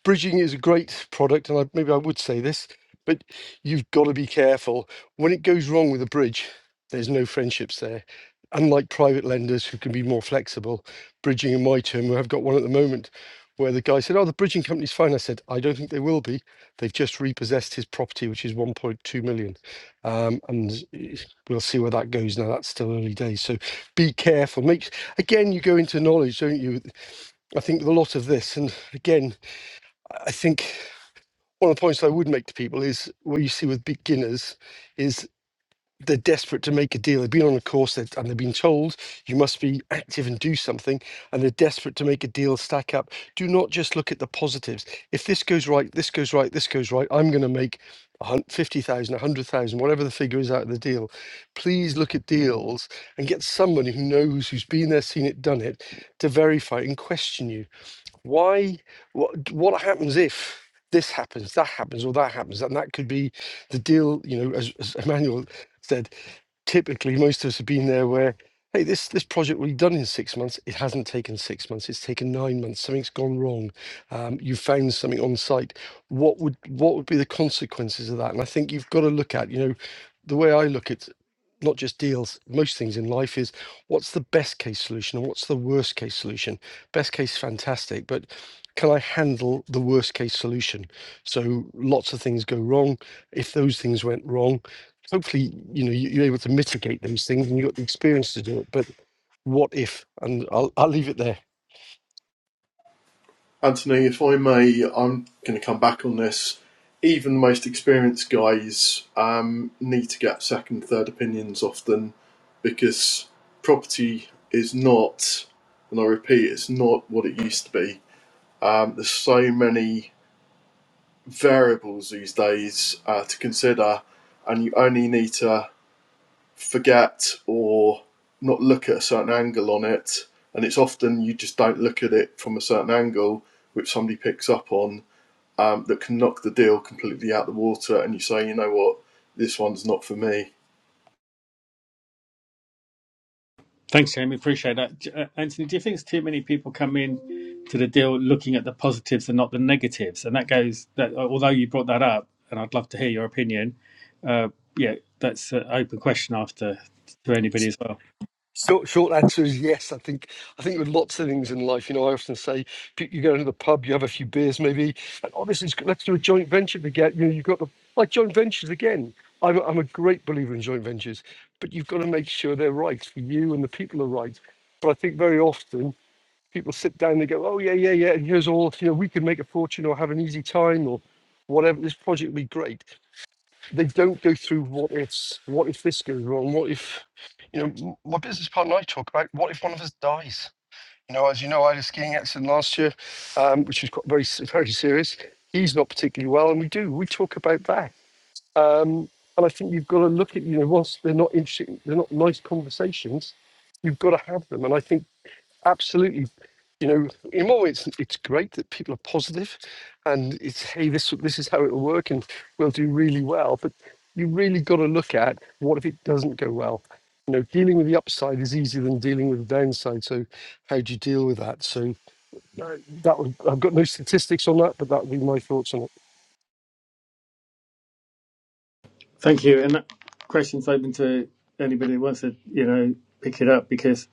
bridging is a great product, and I, maybe I would say this, but you've got to be careful. When it goes wrong with a bridge, there's no friendships there. Unlike private lenders who can be more flexible, bridging in my term, I've got one at the moment where the guy said, Oh, the bridging company's fine. I said, I don't think they will be. They've just repossessed his property, which is 1.2 million. Um, and it- we'll see where that goes now. That's still early days. So be careful. Make again, you go into knowledge, don't you? I think with a lot of this, and again, I think one of the points I would make to people is what you see with beginners is they're desperate to make a deal. They've been on a course they've- and they've been told you must be active and do something, and they're desperate to make a deal stack up. Do not just look at the positives. If this goes right, this goes right, this goes right, I'm going to make a hun- 50,000, 100,000, whatever the figure is out of the deal. Please look at deals and get somebody who knows, who's been there, seen it, done it, to verify and question you why what what happens if this happens that happens or that happens and that could be the deal you know as, as emmanuel said typically most of us have been there where hey this this project will be done in six months it hasn't taken six months it's taken nine months something's gone wrong um, you found something on site what would what would be the consequences of that and i think you've got to look at you know the way i look at not just deals, most things in life is what's the best case solution and what's the worst case solution? Best case, fantastic, but can I handle the worst case solution? So lots of things go wrong. If those things went wrong, hopefully, you know, you- you're able to mitigate those things and you've got the experience to do it. But what if? And there.
Anthony, if I may, I'm going to come back on this. Even the most experienced guys um, need to get second, third opinions often because property is not, and I repeat, it's not what it used to be. Um, there's so many variables these days uh, to consider, and you only need to forget or not look at a certain angle on it. And it's often you just don't look at it from a certain angle, which somebody picks up on, um, that can knock the deal completely out the water. And you say, you know what, this one's not for me.
Thanks, Jamie. Appreciate that. J- uh, Anthony, do you think it's too many people come in to the deal looking at the positives and not the negatives? And that goes that uh, although you brought that up, and I'd love to hear your opinion. Uh, yeah, that's an open question after to anybody as well.
Short, short answer is yes. I think I think with lots of things in life, you know, I often say pe- you go into the pub, you have a few beers, maybe, and oh, this is good, let's do a joint venture together. You know, you've got the like joint ventures again. I'm i I'm a great believer in joint ventures, but you've got to make sure they're right for you and the people are right. But I think very often people sit down, they go, oh yeah, yeah, yeah, and here's all you know, we can make a fortune or have an easy time or whatever. This project will be great they don't go through what ifs. What if this goes wrong? What if, you know, m- my business partner and I talk about what if one of us dies? You know, as you know, I had a skiing accident last year, um, which was quite very, se- very serious. He's not particularly well, and we do. We talk about that. Um, and I think you've got to look at, you know, whilst they're not interesting, they're not nice conversations, you've got to have them. And I think absolutely you know, you know, it's it's great that people are positive, and it's hey, this this is how it will work, and we'll do really well. But you really got to look at what if it doesn't go well. You know, dealing with the upside is easier than dealing with the downside. So, how do you deal with that? So, uh, that would, I've got no statistics on that, but that would be my thoughts on it.
Thank you, and that question's open to anybody who wants to you know pick it up because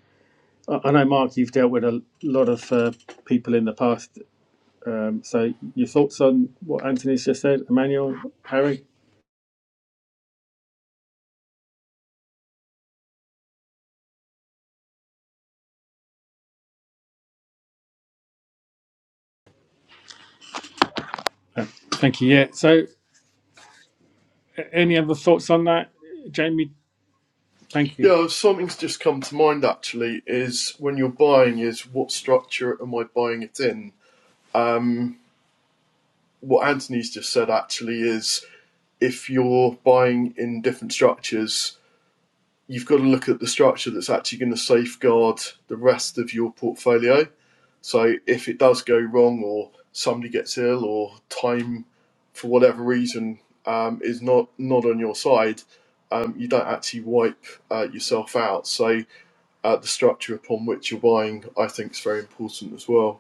I, I know Mark, you've dealt with a lot of uh, people in the past. Um, so your thoughts on what Anthony's just said, Emmanuel, Harry? Uh, Thank you. Yeah. So Any other thoughts on that, Jamie? Thank you.
Yeah, something's just come to mind actually is when you're buying, is what structure am I buying it in? Um, what Anthony's just said actually is if you're buying in different structures, you've got to look at the structure that's actually going to safeguard the rest of your portfolio. So if it does go wrong, or somebody gets ill, or time for whatever reason um, is not not on your side, um, you don't actually wipe uh, yourself out. So uh, the structure upon which you're buying, I think, is very important as well.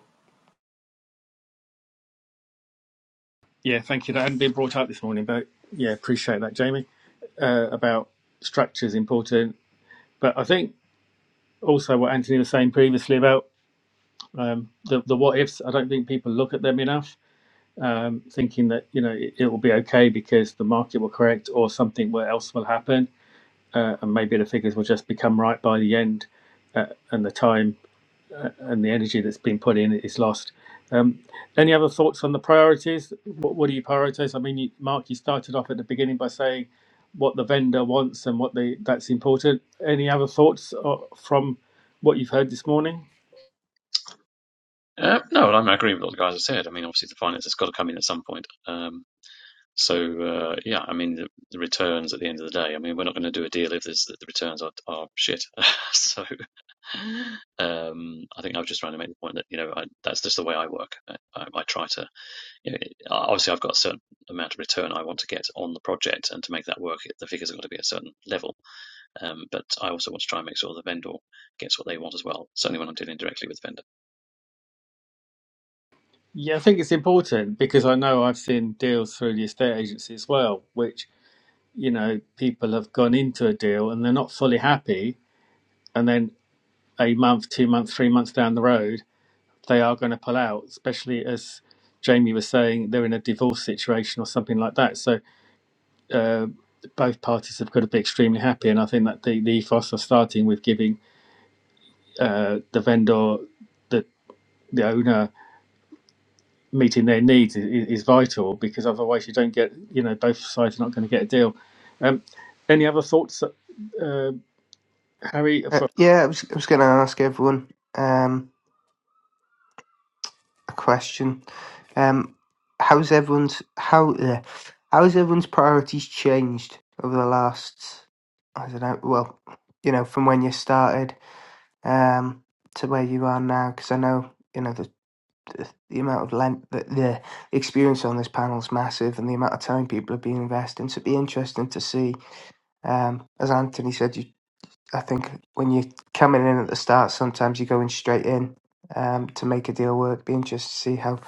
Yeah, thank you. That hadn't been brought up this morning, but yeah, appreciate that, Jamie. Uh, about structure is important, but I think also what Anthony was saying previously about um, the the what ifs. I don't think people look at them enough, um, thinking that you know it, it will be okay because the market will correct or something will- else will happen, uh, and maybe the figures will just become right by the end uh, and the time. and the energy that's been put in is lost. Um, any other thoughts on the priorities? What, what do you prioritize? I mean, you, Mark, you started off at the beginning by saying what the vendor wants and what they that's important. Any other thoughts uh, from what you've heard this morning?
Uh, no, I'm- I agree with what the guys have said. I mean, obviously, the finance has got to come in at some point. Um, so, uh, yeah, I mean, the, the returns at the end of the day. I mean, we're not going to do a deal if there's, the returns are, are shit. so, um, I think I was just trying to make the point that you know I, that's just the way I work. I, I, I try to, you know, obviously, I've got a certain amount of return I want to get on the project, and to make that work, the figures have got to be at a certain level. Um, but I also want to try and make sure the vendor gets what they want as well, certainly when I'm dealing directly with the vendor.
Yeah, I think it's important because I know I've seen deals through the estate agency as well, which you know people have gone into a deal and they're not fully happy, and then a month, two months, three months down the road they are going to pull out, especially as Jamie was saying, they're in a divorce situation or something like that. So uh, both parties have got to be extremely happy, and I think that the, the ethos are starting with giving uh, the vendor, the the owner, meeting their needs is, is vital because otherwise you don't get, you know, both sides are not going to get a deal. Um, any other thoughts, uh, Harry?
Uh,
For,
yeah, I was I was going to ask everyone. Um, a question. Um, how's everyone's how uh, how's everyone's priorities changed over the last I don't know. Well, you know, from when you started um, to where you are now, because I know you know the the, the amount of length the, the experience on this panel is massive, and the amount of time people have been investing. So it'd be interesting to see, um, as Anthony said, you I think when you're coming in at the start, sometimes you're going straight in um, to make a deal work. Be interested to see how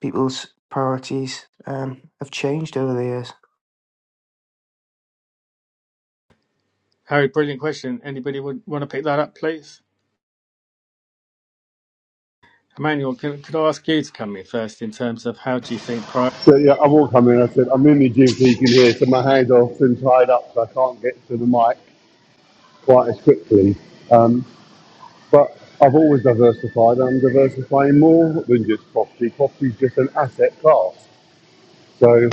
people's priorities um, have changed over the years.
Harry, brilliant question. Anybody would want to pick that up, please? Emmanuel, can, could I ask you to come in first in terms of how do you think prior?
So yeah, I walked come in. I said, I'm in the gym, so you can hear. So my hands are often tied up, so I can't get to the mic quite as quickly. Um, but I've always diversified. and I'm diversifying more than just property. Property is just an asset class. So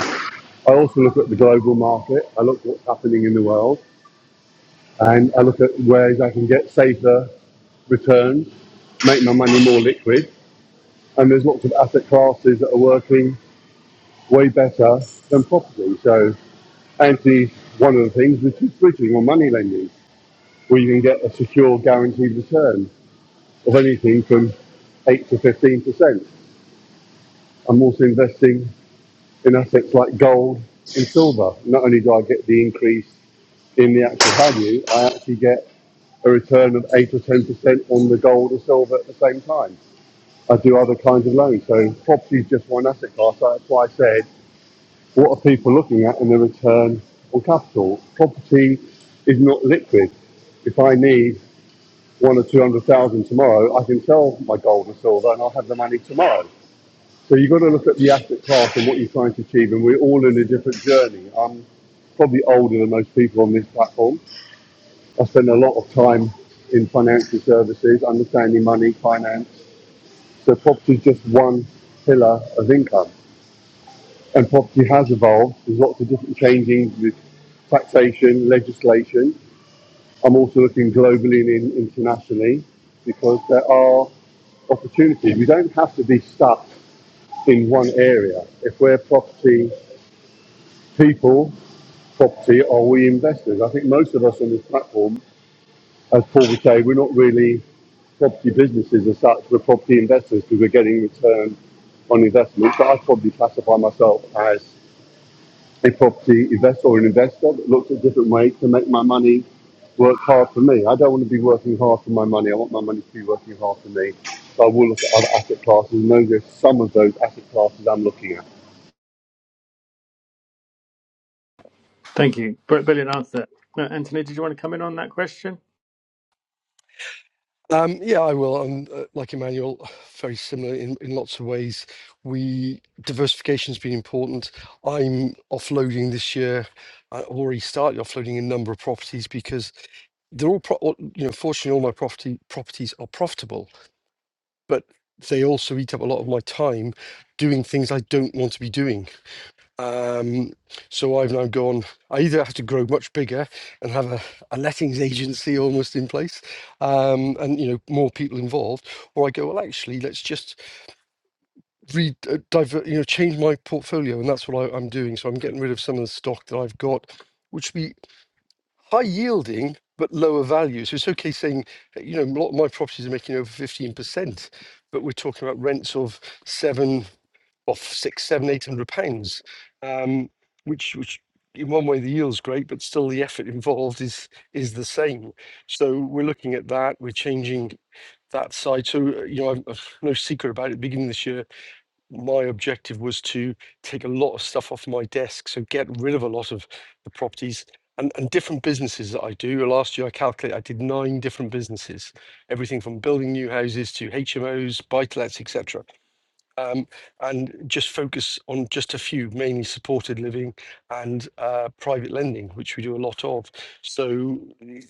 I also look at the global market. I look at what's happening in the world. and I look at ways I can get safer returns, make my money more liquid, and there's lots of asset classes that are working way better than property. So Anthony's one of the things which is bridging or money lending, where you can get a secure guaranteed return of anything from eight to fifteen percent. I'm also investing in assets like gold and silver. Not only do I get the increase in the actual value, I actually get a return of eight or ten percent on the gold or silver at the same time. I do other kinds of loans, so property is just one asset class. So That's why I said, what are people looking at in the return on capital? Property is not liquid. If I need one or two hundred thousand tomorrow, I can sell my gold and silver, and I'll have the money tomorrow. So you've got to look at the asset class and what you're trying to achieve, and we're all in a different journey. I'm probably older than most people on this platform, I spend a lot of time in financial services, understanding money, finance. So property is just one pillar of income. And property has evolved. There's lots of different changing with taxation, legislation. I'm also looking globally and internationally because there are opportunities. We don't have to be stuck in one area. If we're property people, property, are we investors? I think most of us on this platform as Paul would say, we're not really property businesses as such. We're property investors because we're getting return on investment. But I'd probably classify myself as a property investor or an investor that looks at different ways to make my money work hard for me. I don't want to be working hard for my money. I want my money to be working hard for me. So I will look at other asset classes and those are some of those asset classes I'm looking at.
Thank you. Br- Brilliant answer. Uh, Anthony, did you want to come in on that question?
Um, yeah, I will. And uh, like Emmanuel, very similar in, in lots of ways. We diversification has been important. I'm offloading this year. I already started offloading a number of properties because they're all, pro- all- you know, fortunately, all my property properties are profitable, but they also eat up a lot of my time doing things I don't want to be doing. Um, so I've now gone, I either have to grow much bigger and have a, a lettings agency almost in place, um, and you know, more people involved, or I go, well, actually, let's just re uh, divert, you know, change my portfolio, and that's what I, I'm doing. So I'm getting rid of some of the stock that I've got, which would be high yielding but lower value. So it's okay saying, you know, a lot of my properties are making over 15%, but we're talking about rents of seven off six, seven, eight hundred pounds, um, which which in one way the yield's great, but still the effort involved is is the same. So we're looking at that. We're changing that side. So uh, you know, I've, I've no secret about it. Beginning this year, my objective was to take a lot of stuff off my desk, so get rid of a lot of the properties. And, and different businesses that I do. Last year, I calculate I did nine different businesses, everything from building new houses to HMOs, buy-to-lets, etc um, and just focus on just a few, mainly supported living and uh, private lending, which we do a lot of. So,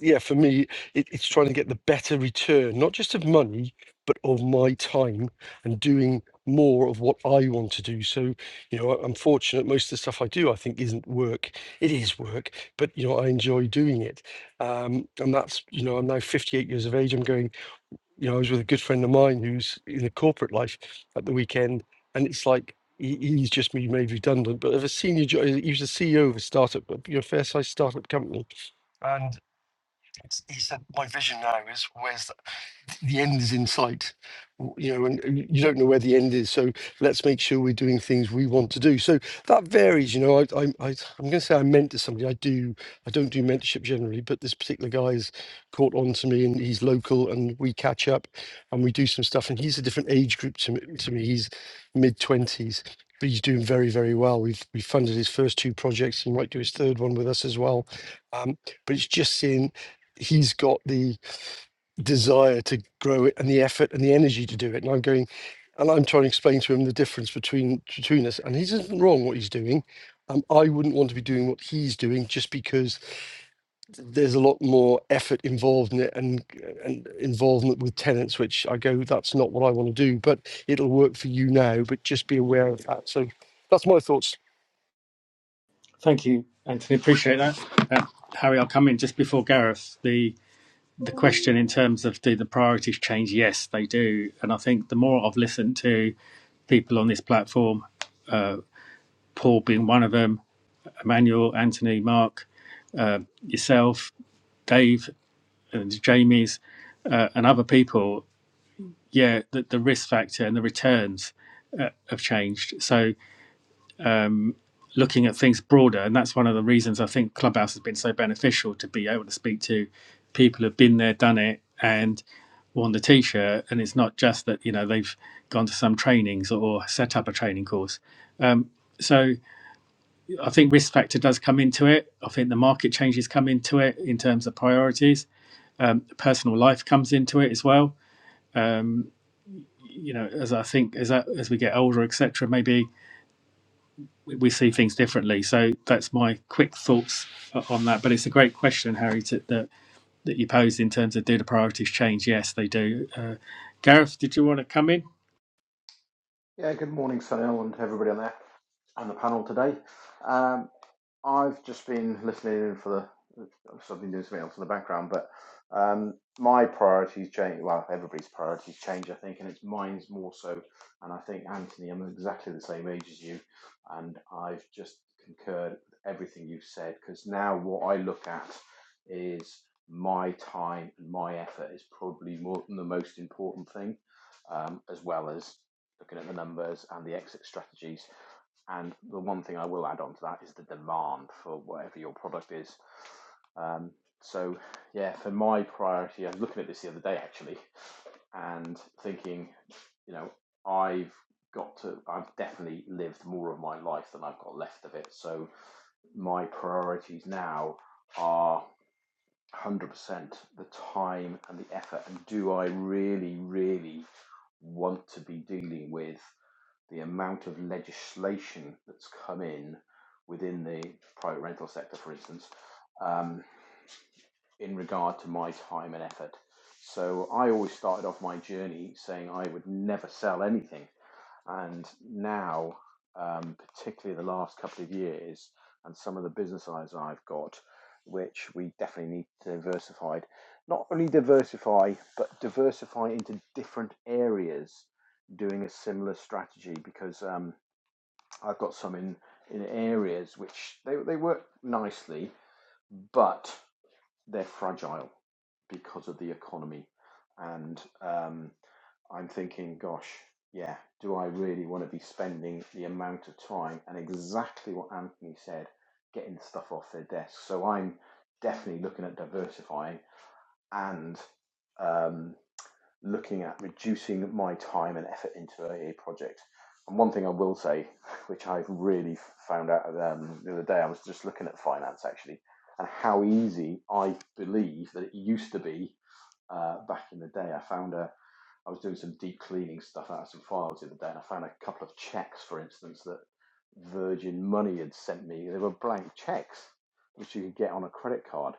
yeah, for me, it, it's trying to get the better return, not just of money, but of my time and doing more of what I want to do. So, you know, I- I'm fortunate most of the stuff I do, I think, isn't work. It is work, but, you know, I enjoy doing it. Um, and that's, you know, I'm now 58 years of age. I'm going you know, I was with a good friend of mine who's in the corporate life at the weekend, and it's like he, he's just been made redundant, but of a senior job, he was the CEO of a startup, a, you know, fair sized startup company. And it's, he said, My vision now is where's the end is in sight you know and and you don't know where the end is so let's make sure we're doing things we want to do so that varies you know i, I, I i'm going to say i mentor somebody i do i don't do mentorship generally but this particular guy has caught on to me and he's local and we catch up and we do some stuff and he's a different age group to me, to me. he's mid-20s but he's doing very very well we've we funded his first two projects he might do his third one with us as well um, but it's just seeing he's got the desire to grow it and the effort and the energy to do it. And I'm going, and I'm trying to explain to him the difference between between us. And he isn't wrong what he's doing. Um, I wouldn't want to be doing what he's doing just because th- there's a lot more effort involved in it and and involvement with tenants, which I go, that's not what I want to do. But it'll work for you now. But just be aware of that. So that's my thoughts.
Thank you, Anthony. Appreciate that. Uh, Harry, I'll come in just before Gareth. The the question in terms of do the priorities change? Yes, they do. And I think the more I've listened to people on this platform, Paul being one of them, Emmanuel, Anthony, Mark, yourself, Dave, and Jamie's, uh, and other people, yeah, the, the risk factor and the returns have changed. So looking at things broader. And that's one of the reasons I think Clubhouse has been so beneficial to be able to speak to people who've been there, done it, and worn the t shirt. And it's not just that, you know, they've gone to some trainings or set up a training course. Um, so I think risk factor does come into it. I think the market changes come into it in terms of priorities. Um, personal life comes into it as well. You know, as I think as I, as we get older, etc., maybe we see things differently. So that's my quick thoughts on that. But it's a great question, Harry, to, that that you posed in terms of do the priorities change? Yes, they do. Uh, Gareth, did you want to come in?
Yeah, good morning, Sunil, and everybody on there and the panel today. Um, I've just been listening in for the. so I've been doing something else in the background, but um, my priorities change. Well, everybody's priorities change, I think, and it's mine's more so. And I think Anthony, I'm exactly the same age as you, and I've just concurred with everything you've said because now what I look at is my time and my effort is probably more than the most important thing, um, as well as looking at the numbers and the exit strategies. And the one thing I will add on to that is the demand for whatever your product is. Um, so, yeah, for my priority, I was looking at this the other day actually and thinking, you know, I've got to, I've definitely lived more of my life than I've got left of it. So, my priorities now are 100% the time and the effort. And do I really, really want to be dealing with? the amount of legislation that's come in within the private rental sector, for instance, um, in regard to my time and effort. So I always started off my journey saying I would never sell anything. And now, um, particularly the last couple of years, and some of the business eyes I've got, which we definitely need to diversify. Not only diversify, but diversify into different areas doing a similar strategy because. um, I've got some in, in areas which they, they work nicely, but they're fragile because of the economy. And um, I'm thinking, gosh, yeah, do I really want to be spending the amount of time and exactly what Anthony said, getting stuff off their desk? So I'm definitely looking at diversifying and um, looking at reducing my time and effort into a project. And one thing I will say, which I've really found out um, the other day, I was just looking at finance actually, and how easy I believe that it used to be uh, back in the day. I found a, I was doing some deep cleaning stuff out of some files the other day, and I found a couple of checks, for instance, that Virgin Money had sent me. They were blank checks, which you could get on a credit card.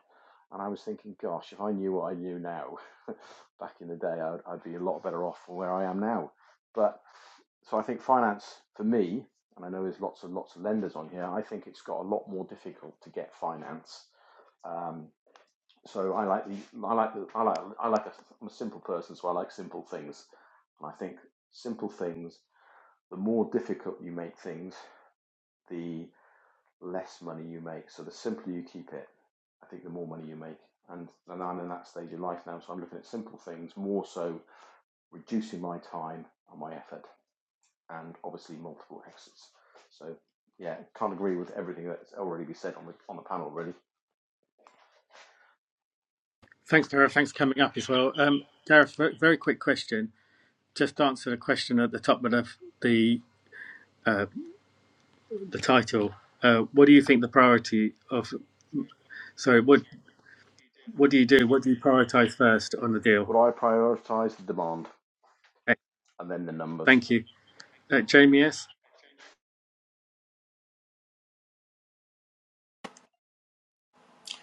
And I was thinking, gosh, if I knew what I knew now, back in the day, I'd, I'd be a lot better off from where I am now. But so I think finance for me, and I know there's lots and lots of lenders on here, I think it's got a lot more difficult to get finance um, so I like the I like the I like I like a, I'm a simple person, so I like simple things. And I think simple things, the more difficult you make things, the less money you make. So the simpler you keep it, I think the more money you make. And and I'm in that stage of life now, so I'm looking at simple things more so reducing my time and my effort, and obviously multiple exits. So yeah, can't agree with everything that's already been said on the on the panel. Really,
Thanks, Tara. Thanks for coming up as well. Um, Gareth, very, quick question. Just answer the question at the top of the the, the title. Uh, what do you think the priority of? Sorry, what what do you do? What do you prioritize first on the deal?
would I prioritise the demand and then the numbers?
Thank you, uh, Jamie. Yes.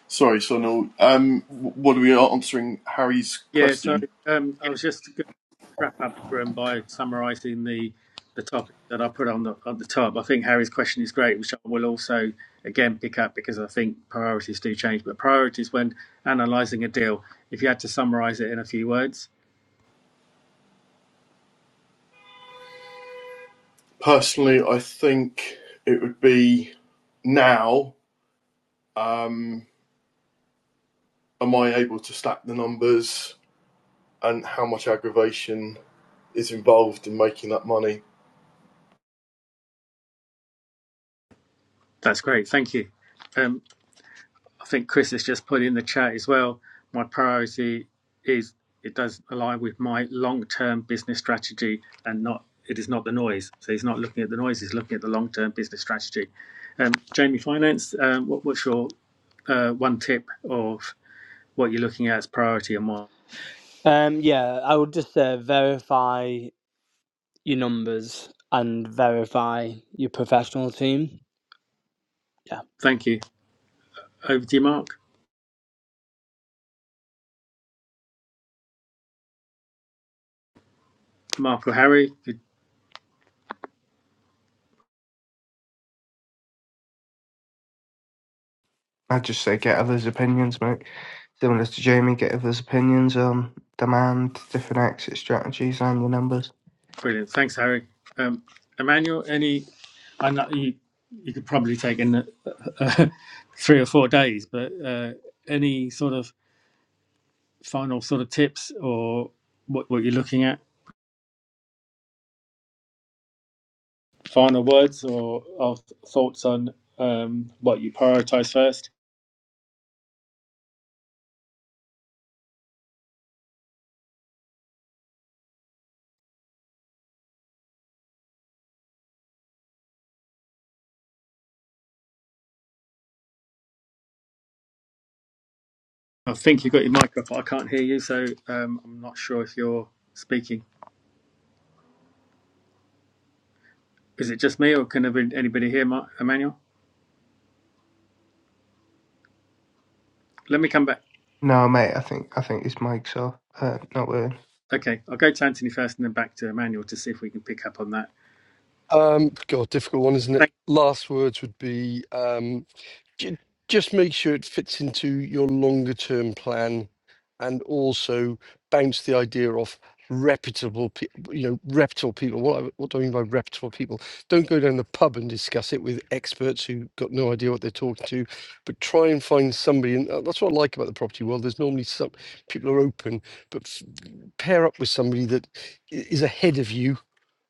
Sorry, Sonal. Um, what are we answering Harry's
Yeah. Sorry,
question?
um, I was just wrap up room by summarising the the topic that I put on the on the top. I think Harry's question is great, which I will also again pick up because I think priorities do change. But priorities when analysing a deal, if you had to summarise it in a few words,
Personally, I think it would be now, um, am I able to stack the numbers and how much aggravation is involved in making that money?
that's great. Thank you. Um, I think Chris has just put in the chat as well. My priority is it does align with my long-term business strategy and not it is not the noise. So he's not looking at the noise, he's looking at the long-term business strategy. Um, Jamie Finance, um, what, what's your uh, one tip of what you're looking at as priority and why?
Um, yeah, I would just uh, verify. your numbers and verify your professional team. Yeah.
Thank you. Over to you, Mark. Mark or Harry?
I'd just say get others' opinions, mate. Similar to Jamie, get others' opinions on demand, different exit strategies, and your numbers.
Brilliant. Thanks, Harry. Um, Emmanuel, any I know you, you could probably take in uh, three or four days, but uh, any sort of final sort of tips or what, what you're looking at, final words or, or thoughts on um, what you prioritize first? I think you've got your mic up. I can't hear you, so um, I'm not sure if you're speaking. Is it just me or can there be anybody here, Mark, Emmanuel? Let me come back.
No, mate, I think I think it's Mike's off. Uh, not worrying.
Okay, I'll go to Anthony first and then back to Emmanuel to see if we can pick up on that.
Um, God, difficult one, isn't it?
Thank,
Last words would be. Um, Ju- Just make sure it fits into your longer term plan and also bounce the idea off reputable people, you know, reputable people. What, I- what do I mean by reputable people? Don't go down the pub and discuss it with experts who got no idea what they're talking to, but try and find somebody. And uh, that's what I like about the property world. There's normally some people are open, but f- pair up with somebody that i- is ahead of you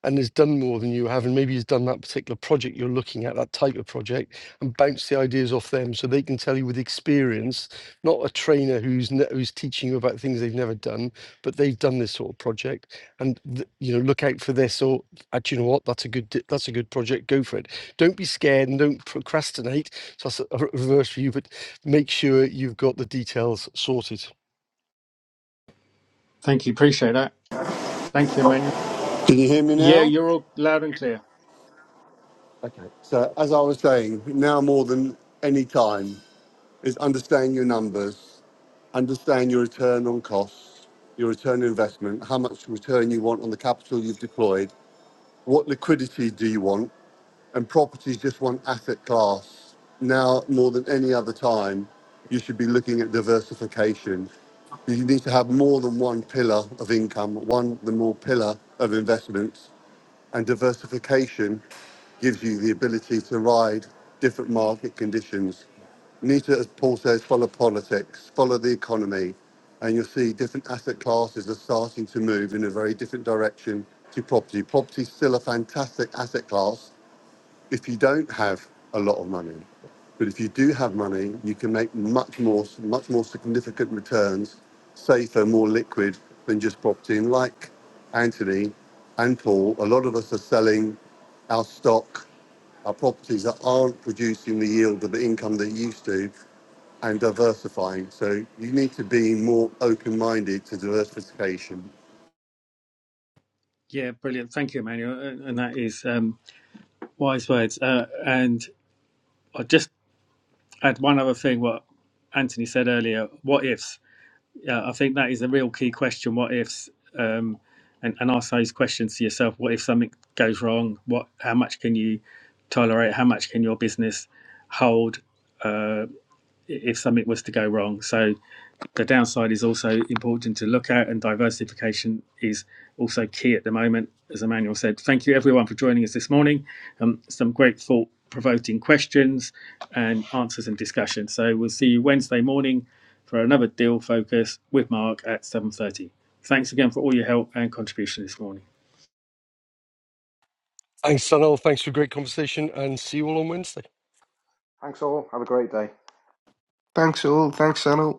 and has done more than you have, and maybe has done that particular project you're looking at, that type of project, and bounce the ideas off them so they can tell you with experience, not a trainer who's ne- who's teaching you about things they've never done, but they've done this sort of project, and th- you know look out for this or actually you know what that's a good di- that's a good project, go for it. Don't be scared and don't procrastinate. So that's a a reverse for you, but make sure you've got the details sorted.
thank you. Appreciate that. Thank you, Emmanuel.
Can you hear me
Yeah,
now?
you're all loud and clear.
Okay. So, as I was saying, now more than any time is understanding your numbers. understand your return on costs, your return on investment, how much return you want on the capital you've deployed, what liquidity do you want, and property is just one asset class. Now, more than any other time, you should be looking at diversification. You need to have more than one pillar of income, one the more pillar of investments, and diversification gives you the ability to ride different market conditions. You need to, as Paul says, follow politics, follow the economy, and you'll see different asset classes are starting to move in a very different direction to property. Property's still a fantastic asset class, if you don't have a lot of money. But if you do have money, you can make much more, much more significant returns, safer, more liquid than just property. And like Anthony and Paul, a lot of us are selling our stock, our properties that aren't producing the yield of the income they used to, and diversifying. So you need to be more open-minded to diversification.
Yeah, brilliant. Thank you, Emmanuel. And and that is um, wise words. Uh, and I just add one other thing what Anthony said earlier what ifs? Yeah, I think that is a real key question. What ifs? Um, and, and ask those questions to yourself. What if something goes wrong? What? How much can you tolerate? How much can your business hold uh, i- if something was to go wrong? So the downside is also important to look at, and diversification is also key at the moment. As Emmanuel said, thank you everyone for joining us this morning. Um, some great thought provoking questions and answers and discussion. So we'll see you Wednesday morning for another deal focus with Mark at 7:30. Thanks again for all your help and contribution this morning.
Thanks, Sunil. Thanks for a great conversation, and see you all on Wednesday.
Thanks all. Have a great day.
Thanks all. Thanks, Sanal.